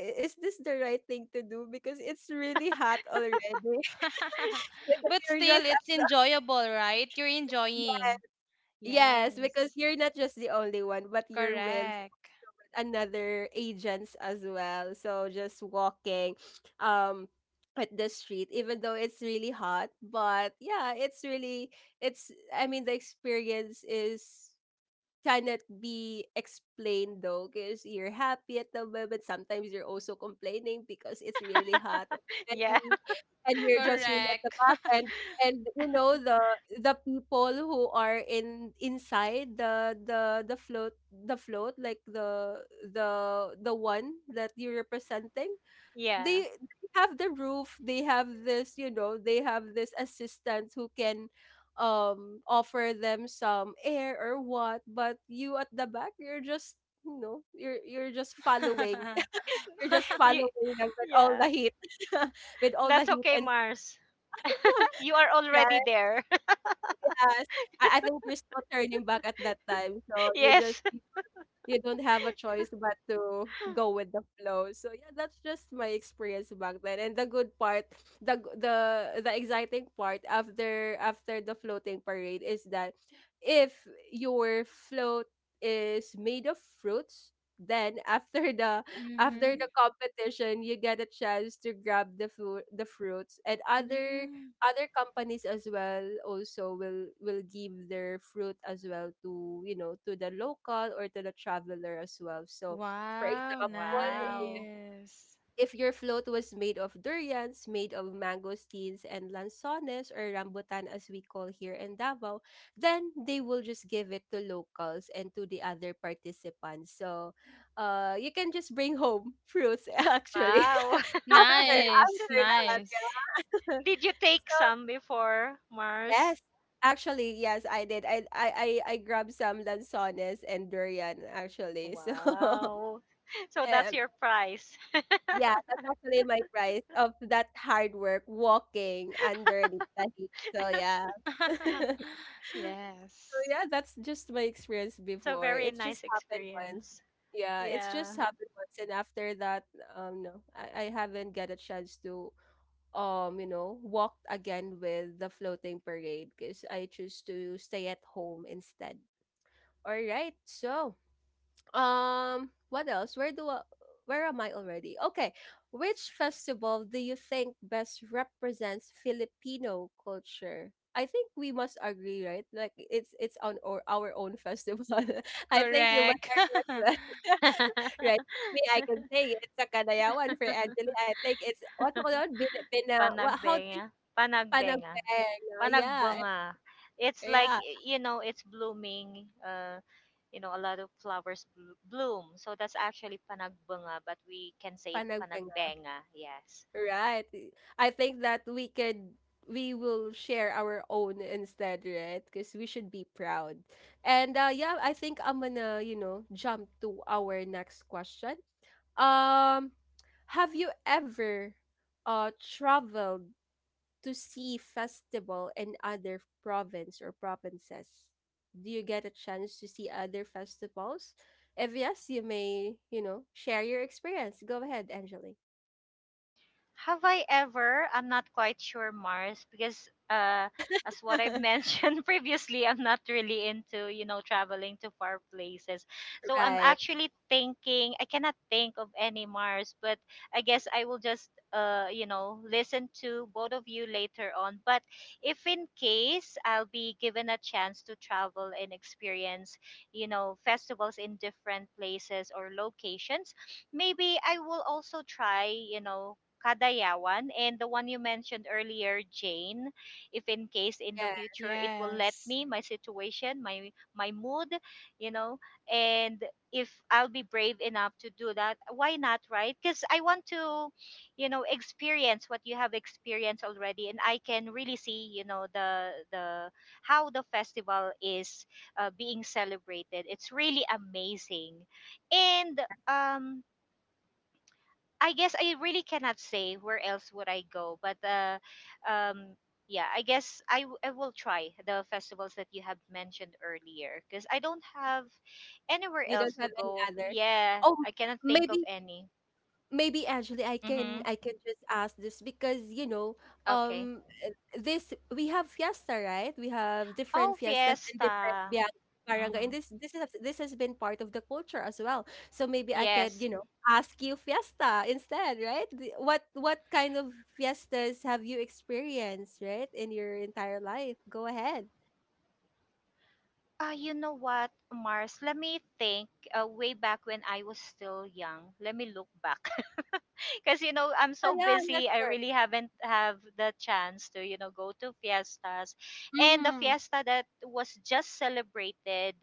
A: "I- is this the right thing to do? Because it's really hot already." Because
C: But
A: you're
C: still,
A: just at
C: it's
A: the,
C: enjoyable, right? You're enjoying.
A: yes, because
C: Yes.
A: you're not just the only one, but you're with
C: Correct.
A: another agents as well. So just walking, um, at the street, even though it's really hot. But yeah, it's really it's. I mean, the experience is cannot be explained, though, because you're happy at the moment, sometimes you're also complaining because it's really hot
B: Yeah.
A: already, and you're just really at the
C: Correct.
A: back. And you know, the people who are in inside the float, the float, like the one that you're representing,
B: Yeah.
A: they have the roof, they have this, you know, they have this assistant who can offer them some air or what, but you at the back, you're just, you know, you're just following, you're just
B: You,
A: following them with all
B: yeah.
A: the heat, with all the
B: That's
A: heat.
B: okay,
A: And
B: Mars. You are already
A: yes,
B: there.
A: I think there's no turning back at that time, so you just,
B: Yes.
A: you don't have a choice but to go with the flow. So yeah, that's just my experience back then. And the good part, the the exciting part after the floating parade is that if your float is made of fruits, then after the after
C: Mm-hmm.
A: the competition, you get a chance to grab the food, the fruits, and other
C: Mm.
A: other companies as well also will give their fruit as well to, you know, to the local or to the traveler as well. So, for
C: Wow,
A: example, if,
B: Wow.
C: nice.
A: if your float was made of durians, made of mangosteens and lanzones or rambutan, as we call here in Davao, then they will just give it to locals and to the other participants. So you can just bring home fruits actually
B: Wow.
A: after
C: Nice,
A: after
C: nice.
A: that.
B: Did you take some before, Mars?
A: Yes, actually, yes, I did. I grabbed some lanzones and durian,
B: Oh,
A: actually. So, um,
B: wow. So that's your prize.
A: yeah, that's actually my price of that hard work walking under the heat. So yeah. So
C: Yes.
A: yeah, that's just my experience
B: That's a
A: before.
B: very
A: It
B: nice
A: just happened once.
B: experience.
A: Yeah, it's just
B: Yeah.
A: happened once, and after that, no, I haven't get a chance to you know walked again with the floating parade, because I choose to stay at home instead. All right, so what else, where do I, where am I already? Okay, which festival do you think best represents Filipino culture? I think we must agree, right? Like, it's on or our own festival. I think you must
C: Correct.
A: agree. Right. Me, I can say it's a Kadayawan. For Angeli, I think it's, what do on call it? Bin, bina, what, how.
B: Panagbenga. Panagbenga.
A: Panagpeng, yeah,
B: Panagbunga. It's
A: eh,
B: like,
A: yeah,
B: you know, it's blooming. You know, a lot of flowers bloom. So that's actually panagbunga, but we can say it
A: Panagpeng,
B: panagbenga. Yes.
A: right. I think that we could, we will share our own instead, right? Because we should be proud. And yeah, I think I'm gonna, you know, jump to our next question. Um, have you ever traveled to see festival in other province or provinces? Do you get a chance to see other festivals? If yes, you may, you know, share your experience. Go ahead, Angeli.
B: Have I ever? I'm not quite sure, Mars, because, as what I've mentioned previously, I'm not really into, you know, traveling to far places. So I'm
A: Right.
B: actually thinking. I cannot think of any, Mars, but I guess I will just, you know, listen to both of you later on. But if in case I'll be given a chance to travel and experience, you know, festivals in different places or locations, maybe I will also try, you know, Kadayawan, and the one you mentioned earlier, Jane. If in case in the
A: Yeah.
B: future it will let
C: Yes.
B: me, my situation, my mood, you know, and if I'll be brave enough to do that, why not, right? Because I want to, you know, experience what you have experienced already, and I can really see, you know, the how the festival is being celebrated. It's really amazing, and
A: Right.
B: I guess I really cannot say where else would I go, but um, yeah, I guess I will try the festivals that you have mentioned earlier because I don't have anywhere
A: You
B: else
A: don't have
B: to
A: any
B: go.
A: other.
B: Yeah,
A: Oh,
B: I cannot think of
A: maybe
B: any.
A: maybe actually,
B: Mm-hmm.
A: I can just ask this, because, you know,
B: Okay.
A: um uh, this, we have fiesta, right? We have different
B: Oh,
A: fiestas and different,
B: Fiesta.
A: yeah, barangay, and
B: Mm-hmm.
A: this is this has been part of the culture as well, so maybe I could,
B: Yes.
A: you know, ask you fiesta instead, right? What kind of fiestas have you experienced, right, in your entire life? Go ahead.
B: You know what, Mars? Let me think. Way back when I was still young, let me look back. Because you know, I'm
A: Ah,
B: so
A: yeah, yeah,
B: busy. I
A: sure.
B: really haven't have the chance to, you know, go to fiestas. And the
A: Mm-hmm.
B: fiesta that was just celebrated,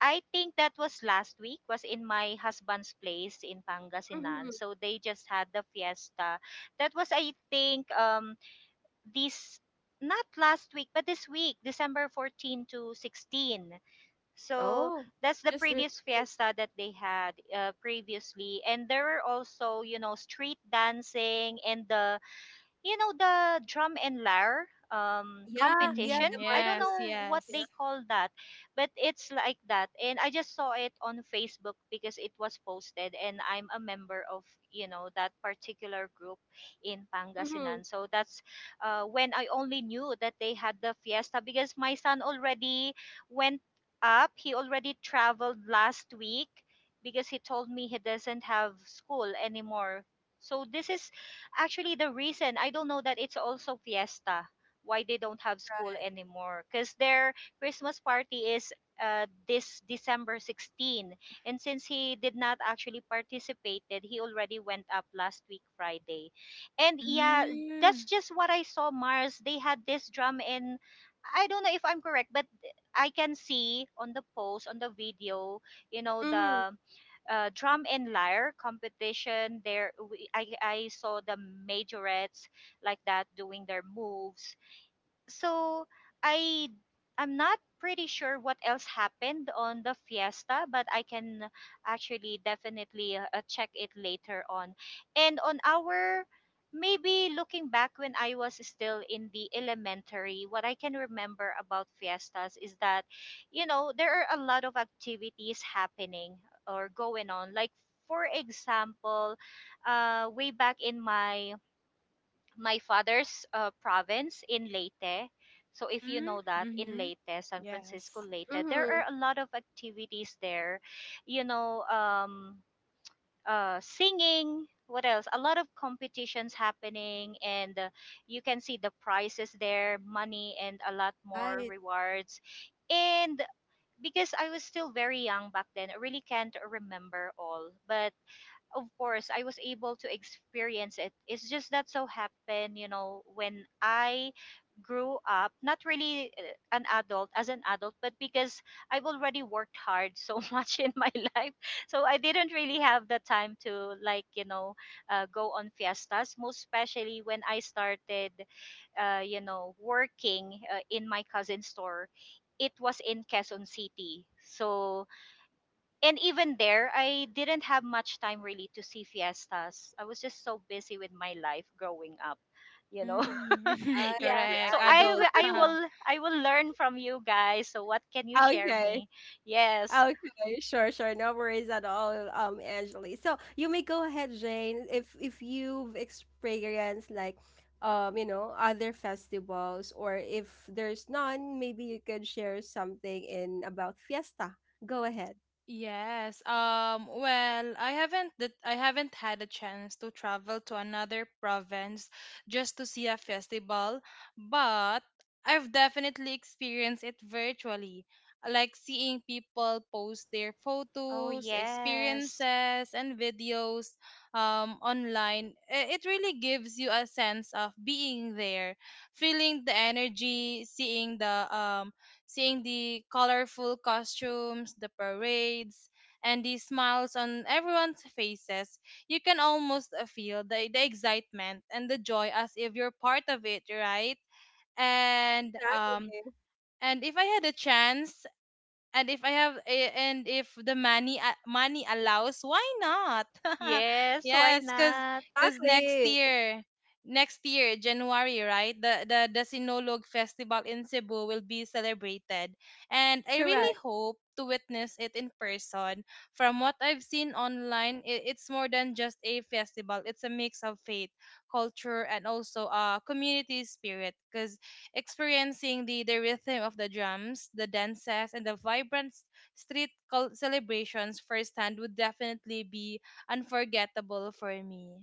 B: I think that was last week, was in my husband's place in Pangasinan.
A: Mm-hmm.
B: So they just had the fiesta. That was, I think, this not last week, but this week, December 14 to 16. So
A: Oh,
B: that's the
A: just re-
B: previous fiesta that they had previously, and there were also, you know, street dancing and the, you know, the drum and lyre
A: yeah, yeah,
C: Mm,
B: competition,
A: the
B: I don't
A: marcher.
C: yes,
B: know what
A: Yeah.
C: yes.
B: they call that, but it's like that. And I just saw it on Facebook because it was posted, and I'm a member of, you know, that particular group in
A: Mm-hmm.
B: Pangasinan. So that's when I only knew that they had the fiesta, because my son already went up, he already traveled last week, because he told me he doesn't have school anymore. So this is, actually, the reason I don't know that it's also fiesta, why they don't have school anymore, because their Christmas party is, this December 16. And since he did not actually participated, he already went up last week Friday. And yeah,
C: Mm.
B: that's just what I saw, Mars. They had this drum and, I don't know if I'm correct, but I can see on the post on the video, you know,
A: Mm-hmm.
B: the, drum and lyre competition. There, I saw the majorettes, like, that doing their moves. So I, I'm not pretty sure what else happened on the fiesta, but I can actually definitely check it later on. And on our, maybe looking back when I was still in the elementary, what I can remember about fiestas is that, you know, there are a lot of activities happening or going on. Like, for example, way back in my father's province in Leyte. So if you
C: Mm,
B: know that in
C: mhm.
B: Leyte, San
C: Yes.
B: Francisco Leyte, there are
A: Mhm.
B: a lot of activities there. You know, singing. What else? A lot of competitions happening, and, you can see the prizes there, money, and a lot more
A: Right.
B: rewards. And because I was still very young back then, I really can't remember all. But of course I was able to experience it. It's just that so happened, you know, when I grew up, not really an adult as an adult, but because I've already worked hard so much in my life, so I didn't really have the time to, like, you know, go on fiestas, most especially when I started, you know, working, in my cousin's store. It was in Quezon City. So, and even there I didn't have much time really to see fiestas. I was just so busy with my life growing up, you know.
C: Mm,
A: Right.
B: Yeah,
C: correct.
B: so
A: Yeah,
C: Adult.
B: I will learn from you guys. So what can you
A: yeah.
B: share
A: Okay.
B: me? Yes.
A: Okay. Sure, sure. No worries at all, Angeli. So you may go ahead, Jane, if you've experienced like you know, other festivals, or if there's none, maybe you could share something in about fiesta. Go ahead.
C: Yes. Well, I haven't had a chance to travel to another province just to see a festival, but I've definitely experienced it virtually. Like seeing people post their
B: Oh
C: photos,
B: yes.
C: experiences, and videos online, it really gives you a sense of being there, feeling the energy, seeing the colorful costumes, the parades, and the smiles on everyone's faces. You can almost feel the excitement and the joy as if you're part of it, right? And um
A: Exactly.
C: and if I had a chance, and if I have a- and if the money money allows, why not?
B: Yes, why
C: Yes, cause
B: not?
C: cause
A: Exactly.
C: next year January, right? The Sinolog Festival in Cebu will be celebrated, and I
A: Correct.
C: really hope to witness it in person. From what I've seen online, it's more than just a festival. It's a mix of faith, culture, and also community spirit. Cause experiencing the rhythm of the drums, the dances, and the vibrant street celebrations firsthand would definitely be unforgettable for me.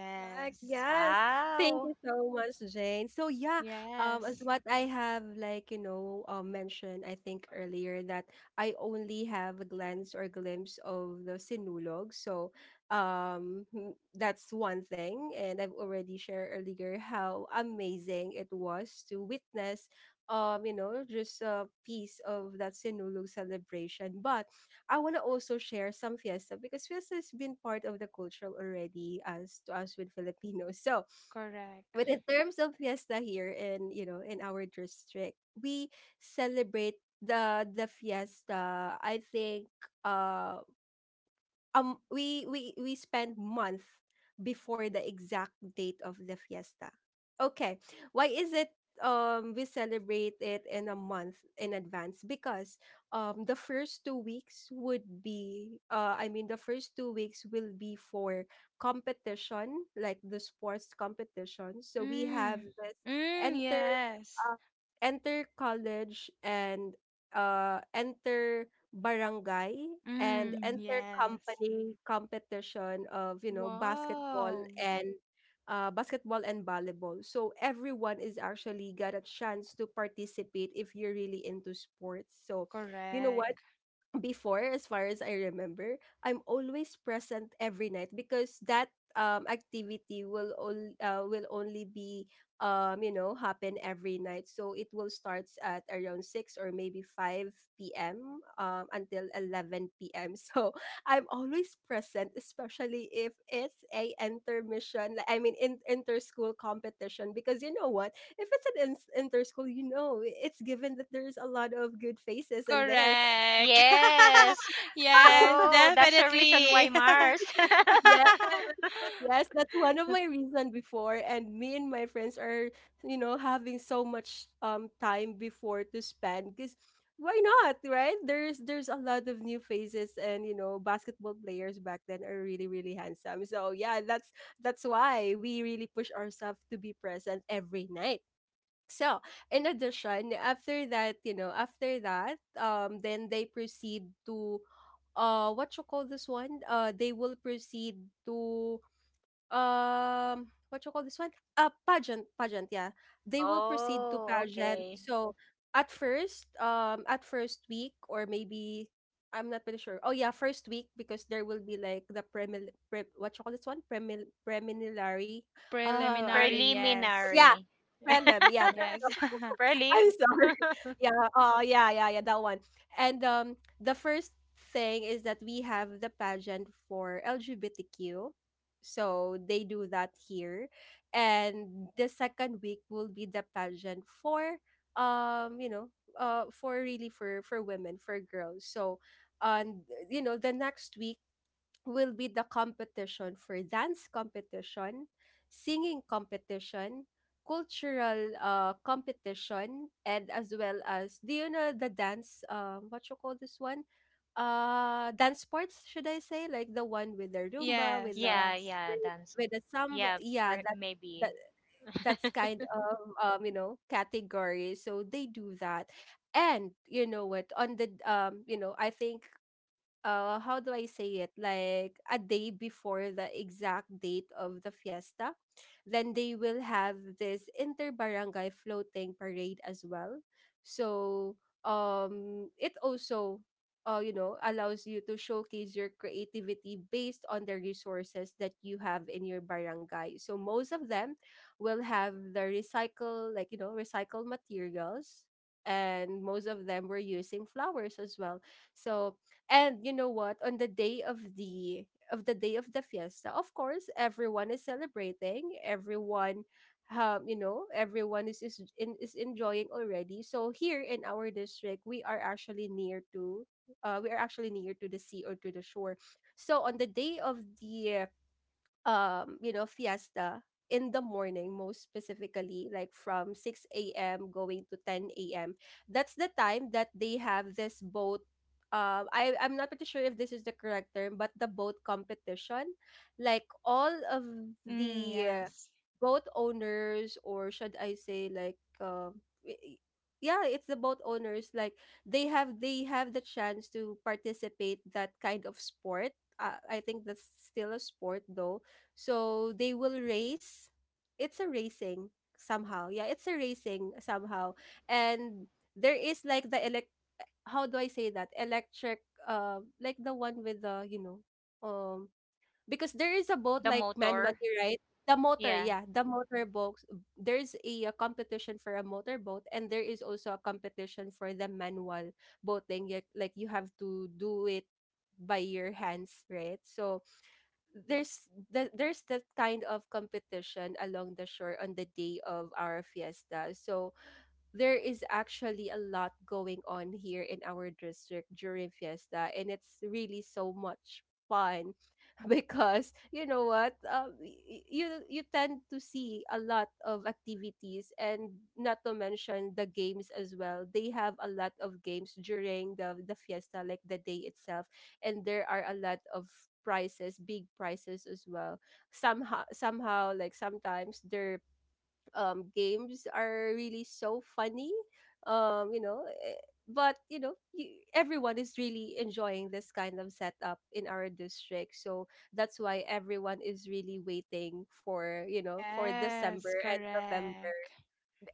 A: Correct. Yes. Thank you
B: Wow.
A: so much, Jane. So yeah, as
C: Yes.
A: what I have, like, you know, mentioned, I think earlier, that I only have a glance or glimpse of the Sinulog. So that's one thing, and I've already shared earlier how amazing it was to witness, you know, just a piece of that Sinulog celebration, but I want to also share some fiesta, because fiesta has been part of the culture already as to us with Filipinos. So,
C: Correct.
A: but in terms of fiesta here in, you know, in our district, we celebrate the fiesta. I think uh we we spend month before the exact date of the fiesta. Okay, why is it, we celebrate it in a month in advance, because the first 2 weeks would be I mean, the first 2 weeks will be for competition, like the sports competition. So we have
C: Mm.
A: this
C: Mm,
A: enter
C: yes.
A: um, enter college, and enter barangay, and
C: Mm,
A: enter
C: yes.
A: company competition of, you know, basketball
C: Wow.
A: and basketball and volleyball. So everyone is actually got a chance to participate if you're really into sports. So, you know what,
C: Correct.
A: before, as far as I remember, I'm always present every night, because that activity will all will only be you know happen every night. So it will start at around 6 or maybe 5 p.m. Until 11 p.m. So I'm always present, especially if it's a intermission, like, I mean, in inter-school competition, because you know what, if it's an inter-school, you know, it's given that there's a lot of good faces in there.
C: Correct.
B: Yes,
C: yes,
B: so that's the reason why,
C: definitely.
B: Mars.
A: Yes, yes, that's one of my reason before, and me and my friends are, you know, having so much time before to spend, because why not, right? There's a lot of new faces, and, you know, basketball players back then are really really handsome. So yeah, that's why we really push ourselves to be present every night. So, in addition, after that, you know, after that, then they proceed to, what you call this one? They will proceed to, what you call this one? Pageant, pageant, yeah. They will proceed to
B: Oh,
A: pageant.
B: okay.
A: So, at first week, or maybe, I'm not pretty sure. Oh yeah, first week, because there will be like the what you call this one? Premil preliminary. I
C: Preliminary,
A: don't,
C: yes.
A: yeah,
B: Preliminary.
A: prelim. Yeah, that's,
C: Yes.
B: Prelim.
A: I'm sorry. Yeah. Oh, yeah, yeah, yeah. That one. And the first thing is that we have the pageant for LGBTQ, so they do that here, and the second week will be the pageant for you know, for really for women, for girls. So, and, you know, the next week will be the competition for dance competition, singing competition, cultural competition, and as well as, do you know the dance, what you call this one? Dance sports, should I say? Like the one with the Roomba, with
C: Yes,
A: the
B: Yeah,
C: yes.
B: yeah,
A: with
B: dance.
A: the samba,
B: Yeah,
A: yeah,
B: per-
A: that that
B: maybe.
A: that's kind of, you know, category. So they do that. And you know what, on the you know, I think how do I say it, like a day before the exact date of the fiesta, then they will have this inter barangay floating parade as well. So it also you know, allows you to showcase your creativity based on the resources that you have in your barangay. So most of them will have the recycle, like, you know, recycled materials, and most of them were using flowers as well. So, and you know what? On the day of the day of the fiesta, of course, everyone is celebrating. Everyone, you know, everyone is in, is enjoying already. So here in our district, we are actually near to, we are actually near to the sea or to the shore. So on the day of the you know, fiesta, in the morning, most specifically, like from 6 a.m. going to 10 a.m. That's the time that they have this boat. I'm not pretty sure if this is the correct term, but the boat competition. Like all of
C: Mm,
A: the
C: yes.
A: boat owners, or should I say, like, i- i- yeah, it's the boat owners. Like they have the chance to participate that kind of sport. I think that's still a sport though, so they will race. It's a racing somehow. Yeah, it's a racing somehow. And there is like the elect how do I say that? Electric, like the one with the, um because there is a boat
B: The
A: like
B: motor.
A: manually, right? The motor,
B: Yeah.
A: yeah, the motor boat. There's a competition for a motor boat, and there is also a competition for the manual boating. Like you have to do it by your hands, right? So there's that kind of competition along the shore on the day of our fiesta. So there is actually a lot going on here in our district during fiesta, and it's really so much fun because you know what y- y- you tend to see a lot of activities, and not to mention the games as well. They have a lot of games during the fiesta, like the day itself, and there are a lot of prizes, big prizes as well. Somehow, like sometimes their games are really so funny. Um, you know, eh, but you know, y everyone is really enjoying this kind of setup in our district. So that's why everyone is really waiting for, you know, for December
C: Yes,
A: and November.
C: correct.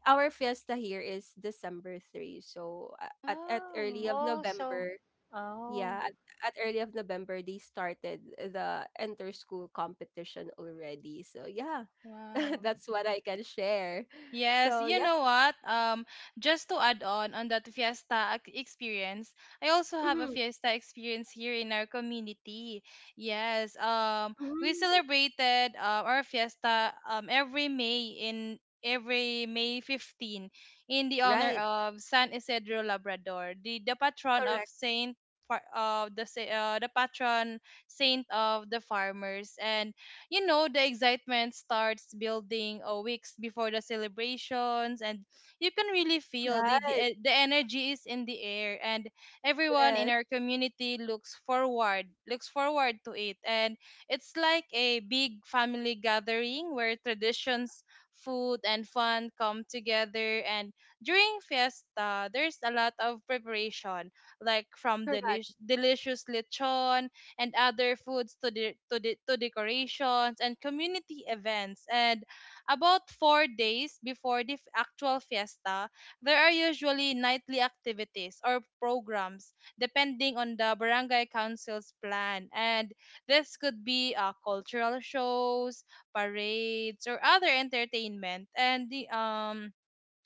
A: Our fiesta here is December 3. So at early
C: Oh,
A: of
B: Oh, so.
A: November,
B: Oh.
A: yeah, at early of November they started the enter school competition already. So yeah,
C: wow.
A: that's what I can share.
C: Yes,
A: So
C: you
A: yep,
C: know what? Just to add on that fiesta experience, I also have a
A: mm-hmm,
C: fiesta experience here in our community. Yes, we
A: mm,
C: celebrated our fiesta every May 15 in the honor
A: right,
C: of San Isidro Labrador,
A: correct,
C: The patron saint of the farmers. And the excitement starts building a weeks before the celebrations, and you can really feel the, the
A: right,
C: e- the energy is in the air, and everyone in
A: yes,
C: our community looks forward to it, and it's like a big family gathering where traditions, food, and fun come together. And during fiesta there's a lot of preparation, like from
A: correct,
C: delicious lechon and other foods, to decorations and community events. And about 4 days before the actual fiesta, there are usually nightly activities or programs depending on the barangay council's plan. And this could be cultural shows, parades, or other entertainment. And the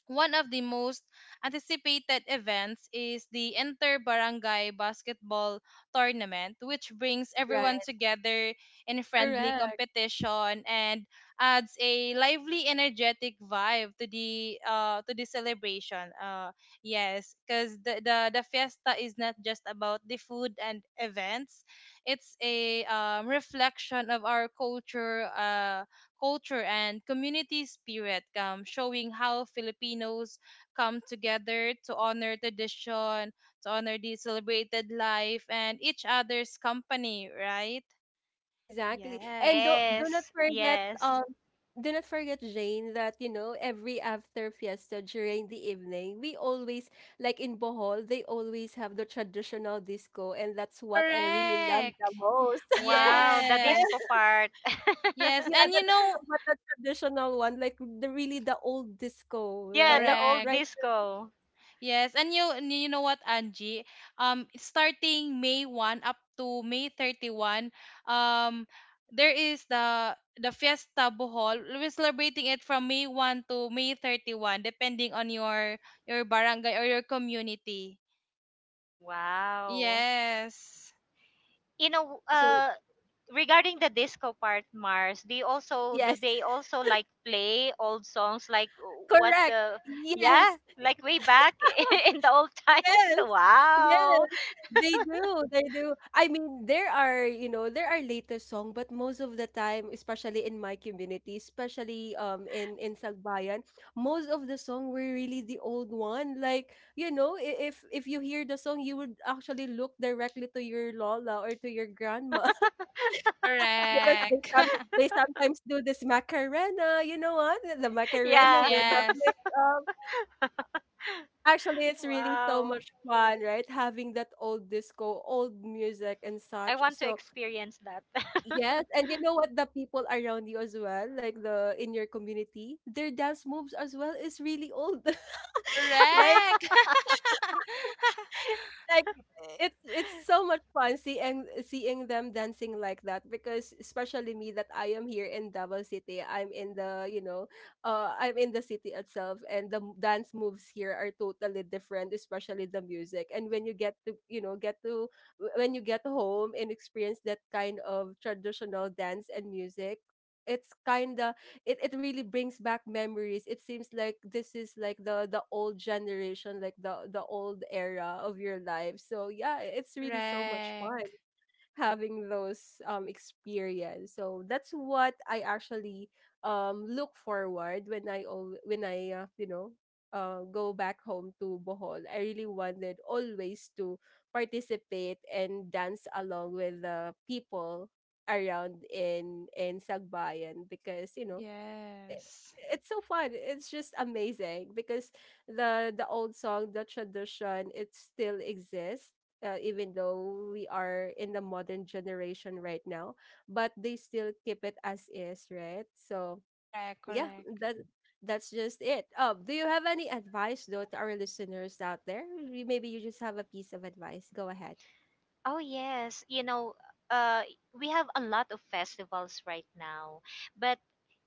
C: one of the most anticipated events is the Inter Barangay Basketball Tournament, which brings everyone
A: right,
C: together in a friendly
A: correct.
C: competition and adds a lively, energetic vibe to the celebration. Yes, because the fiesta is not just about the food and events; it's a reflection of our culture. Culture and community spirit, showing how Filipinos come together to honor tradition, to honor the celebrated life and each other's company, right?
A: Exactly. And
C: Yes.
A: do not
B: Yes,
A: forget,
B: yes.
A: do not forget, Jane, that you know every after fiesta during the evening we always, like in Bohol, they always have the traditional disco, and that's what I really love
C: Correct.
A: the most.
B: Wow, the
A: Well,
B: disco
C: Yes.
B: part.
C: Yes.
A: yeah,
C: And
A: the
C: you
A: disco,
C: know,
A: but the traditional one, like the really the old disco,
B: Yeah, the
A: right?
B: old
C: correct.
A: Right.
B: disco.
C: Yes, and you know what, Angie? Starting May 1 up to May 31, um, there is the Fiesta Bohol. We're celebrating it from May 1 to May 31, depending on your barangay or your community.
B: Wow.
C: Yes,
B: You know,
A: So
B: regarding the disco part, Mars, do you also do
A: yes,
B: they also like play old songs like, what
A: correct.
B: the, yeah,
A: Yes.
B: like way back in the old times?
A: Yes. Yes.
B: Wow.
A: They do. They do. I mean, there are, you know, there are latest song, but most of the time, especially in my community, especially in Sagbayan, most of the song were really the old one. Like, you know, if you hear the song, you would actually look directly to your lola or to your grandma because
C: correct.
A: they sometimes do this macarena. You know what? The
C: yes,
A: macarena
B: Yeah.
A: with a
C: yes,
A: mix. Actually, it's really so
B: Wow.
A: much fun, right? Having that old disco, old music and
B: I
A: such.
B: want to
A: So,
B: experience that.
A: yes, and you know what? The people around you as well, like the in your community, their dance moves as well is really old. like
C: correct.
A: like it's so much fun seeing them dancing like that, because especially me, that I am here in Davao City, I'm in the, you know, I'm in the city itself, and the dance moves here are totally different, especially the music. And when you get to you know get to w- when you get home and experience that kind of traditional dance and music, it's kind of, it really brings back memories. It seems like this is like the old generation, like the old era of your life. So yeah, it's really so much
C: correct.
A: fun having those experience. So that's what I actually look forward when when I, go back home to Bohol. I really wanted always to participate and dance along with the people around in Sagbayan, because you know, i-
C: Yes,
A: it's so fun. It's just amazing because the old song, the tradition, it still exists. Even though we are in the modern generation right now, but they still keep it as is, right? So
C: correct,
A: yeah,
C: correct.
A: that that's just it. Do you have any advice though to our listeners out there? Maybe you just have a piece of advice. Go ahead.
B: Oh yes, you know, uh, we have a lot of festivals right now, but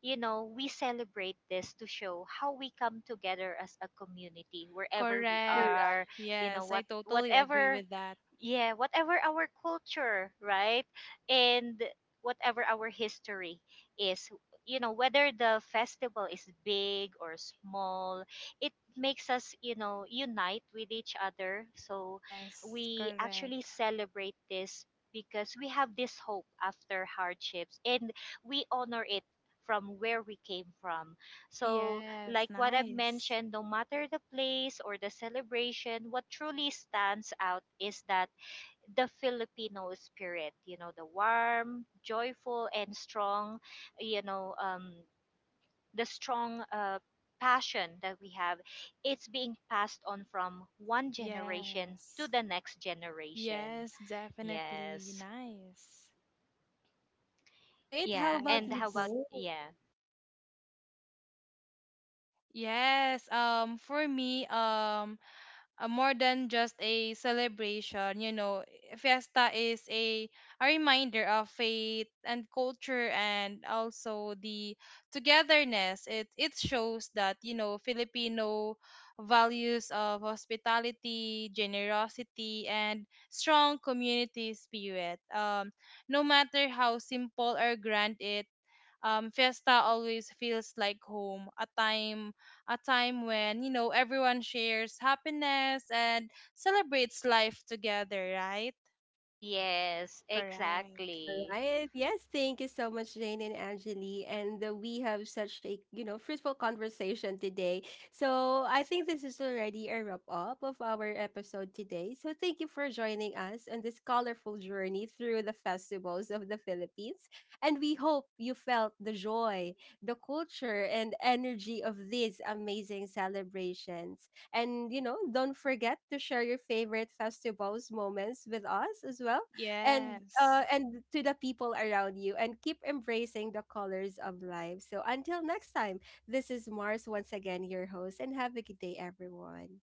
B: you know, we celebrate this to show how we come together as a community wherever we
C: Correct.
A: Correct.
B: are. You know
C: Yes, I
B: what,
C: totally agree
B: whatever,
C: with that.
B: yeah, whatever our culture, right, and whatever our history is. You know, whether the festival is big or small, it makes us, you know, unite with each other. So
C: Yes,
B: we actually
C: correct.
B: celebrate this because we have this hope after hardships, and we honor it from where we came from. So,
C: Yes,
B: like what I've
C: nice.
B: mentioned, no matter the place or the celebration, what truly stands out is that the Filipino spirit, you know, the warm, joyful, and strong, you know, the strong passion that we have, it's being passed on from one generation to
C: Yes.
B: the next generation.
C: Yes, definitely
B: Yes.
C: nice.
A: All right. How
B: Yeah,
A: about
B: and
A: you,
B: how about,
C: Yes.
A: Jay?
B: yeah.
C: Yes, for me, more than just a celebration, fiesta is a reminder of faith and culture and also the togetherness. It shows that Filipino values of hospitality, generosity, and strong community spirit, no matter how simple or grand it Fiesta always feels like home, a time, when everyone shares happiness and celebrates life together, right?
B: Yes,
C: Correct.
A: All
B: exactly.
A: right. Yes, thank you so much, Jane and Angeli. And we have such a, you know, fruitful conversation today. So I think this is already a wrap up of our episode today. So thank you for joining us on this colorful journey through the festivals of the Philippines. And we hope you felt the joy, the culture, and energy of these amazing celebrations. And, you know, don't forget to share your favorite festivals moments with us as well,
C: Yes.
A: and to the people around you, and keep embracing the colors of life. So until next time, this is Mars once again, your host, and have a good day, everyone.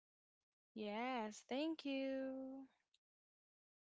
C: Yes. Thank you.
B: Bye.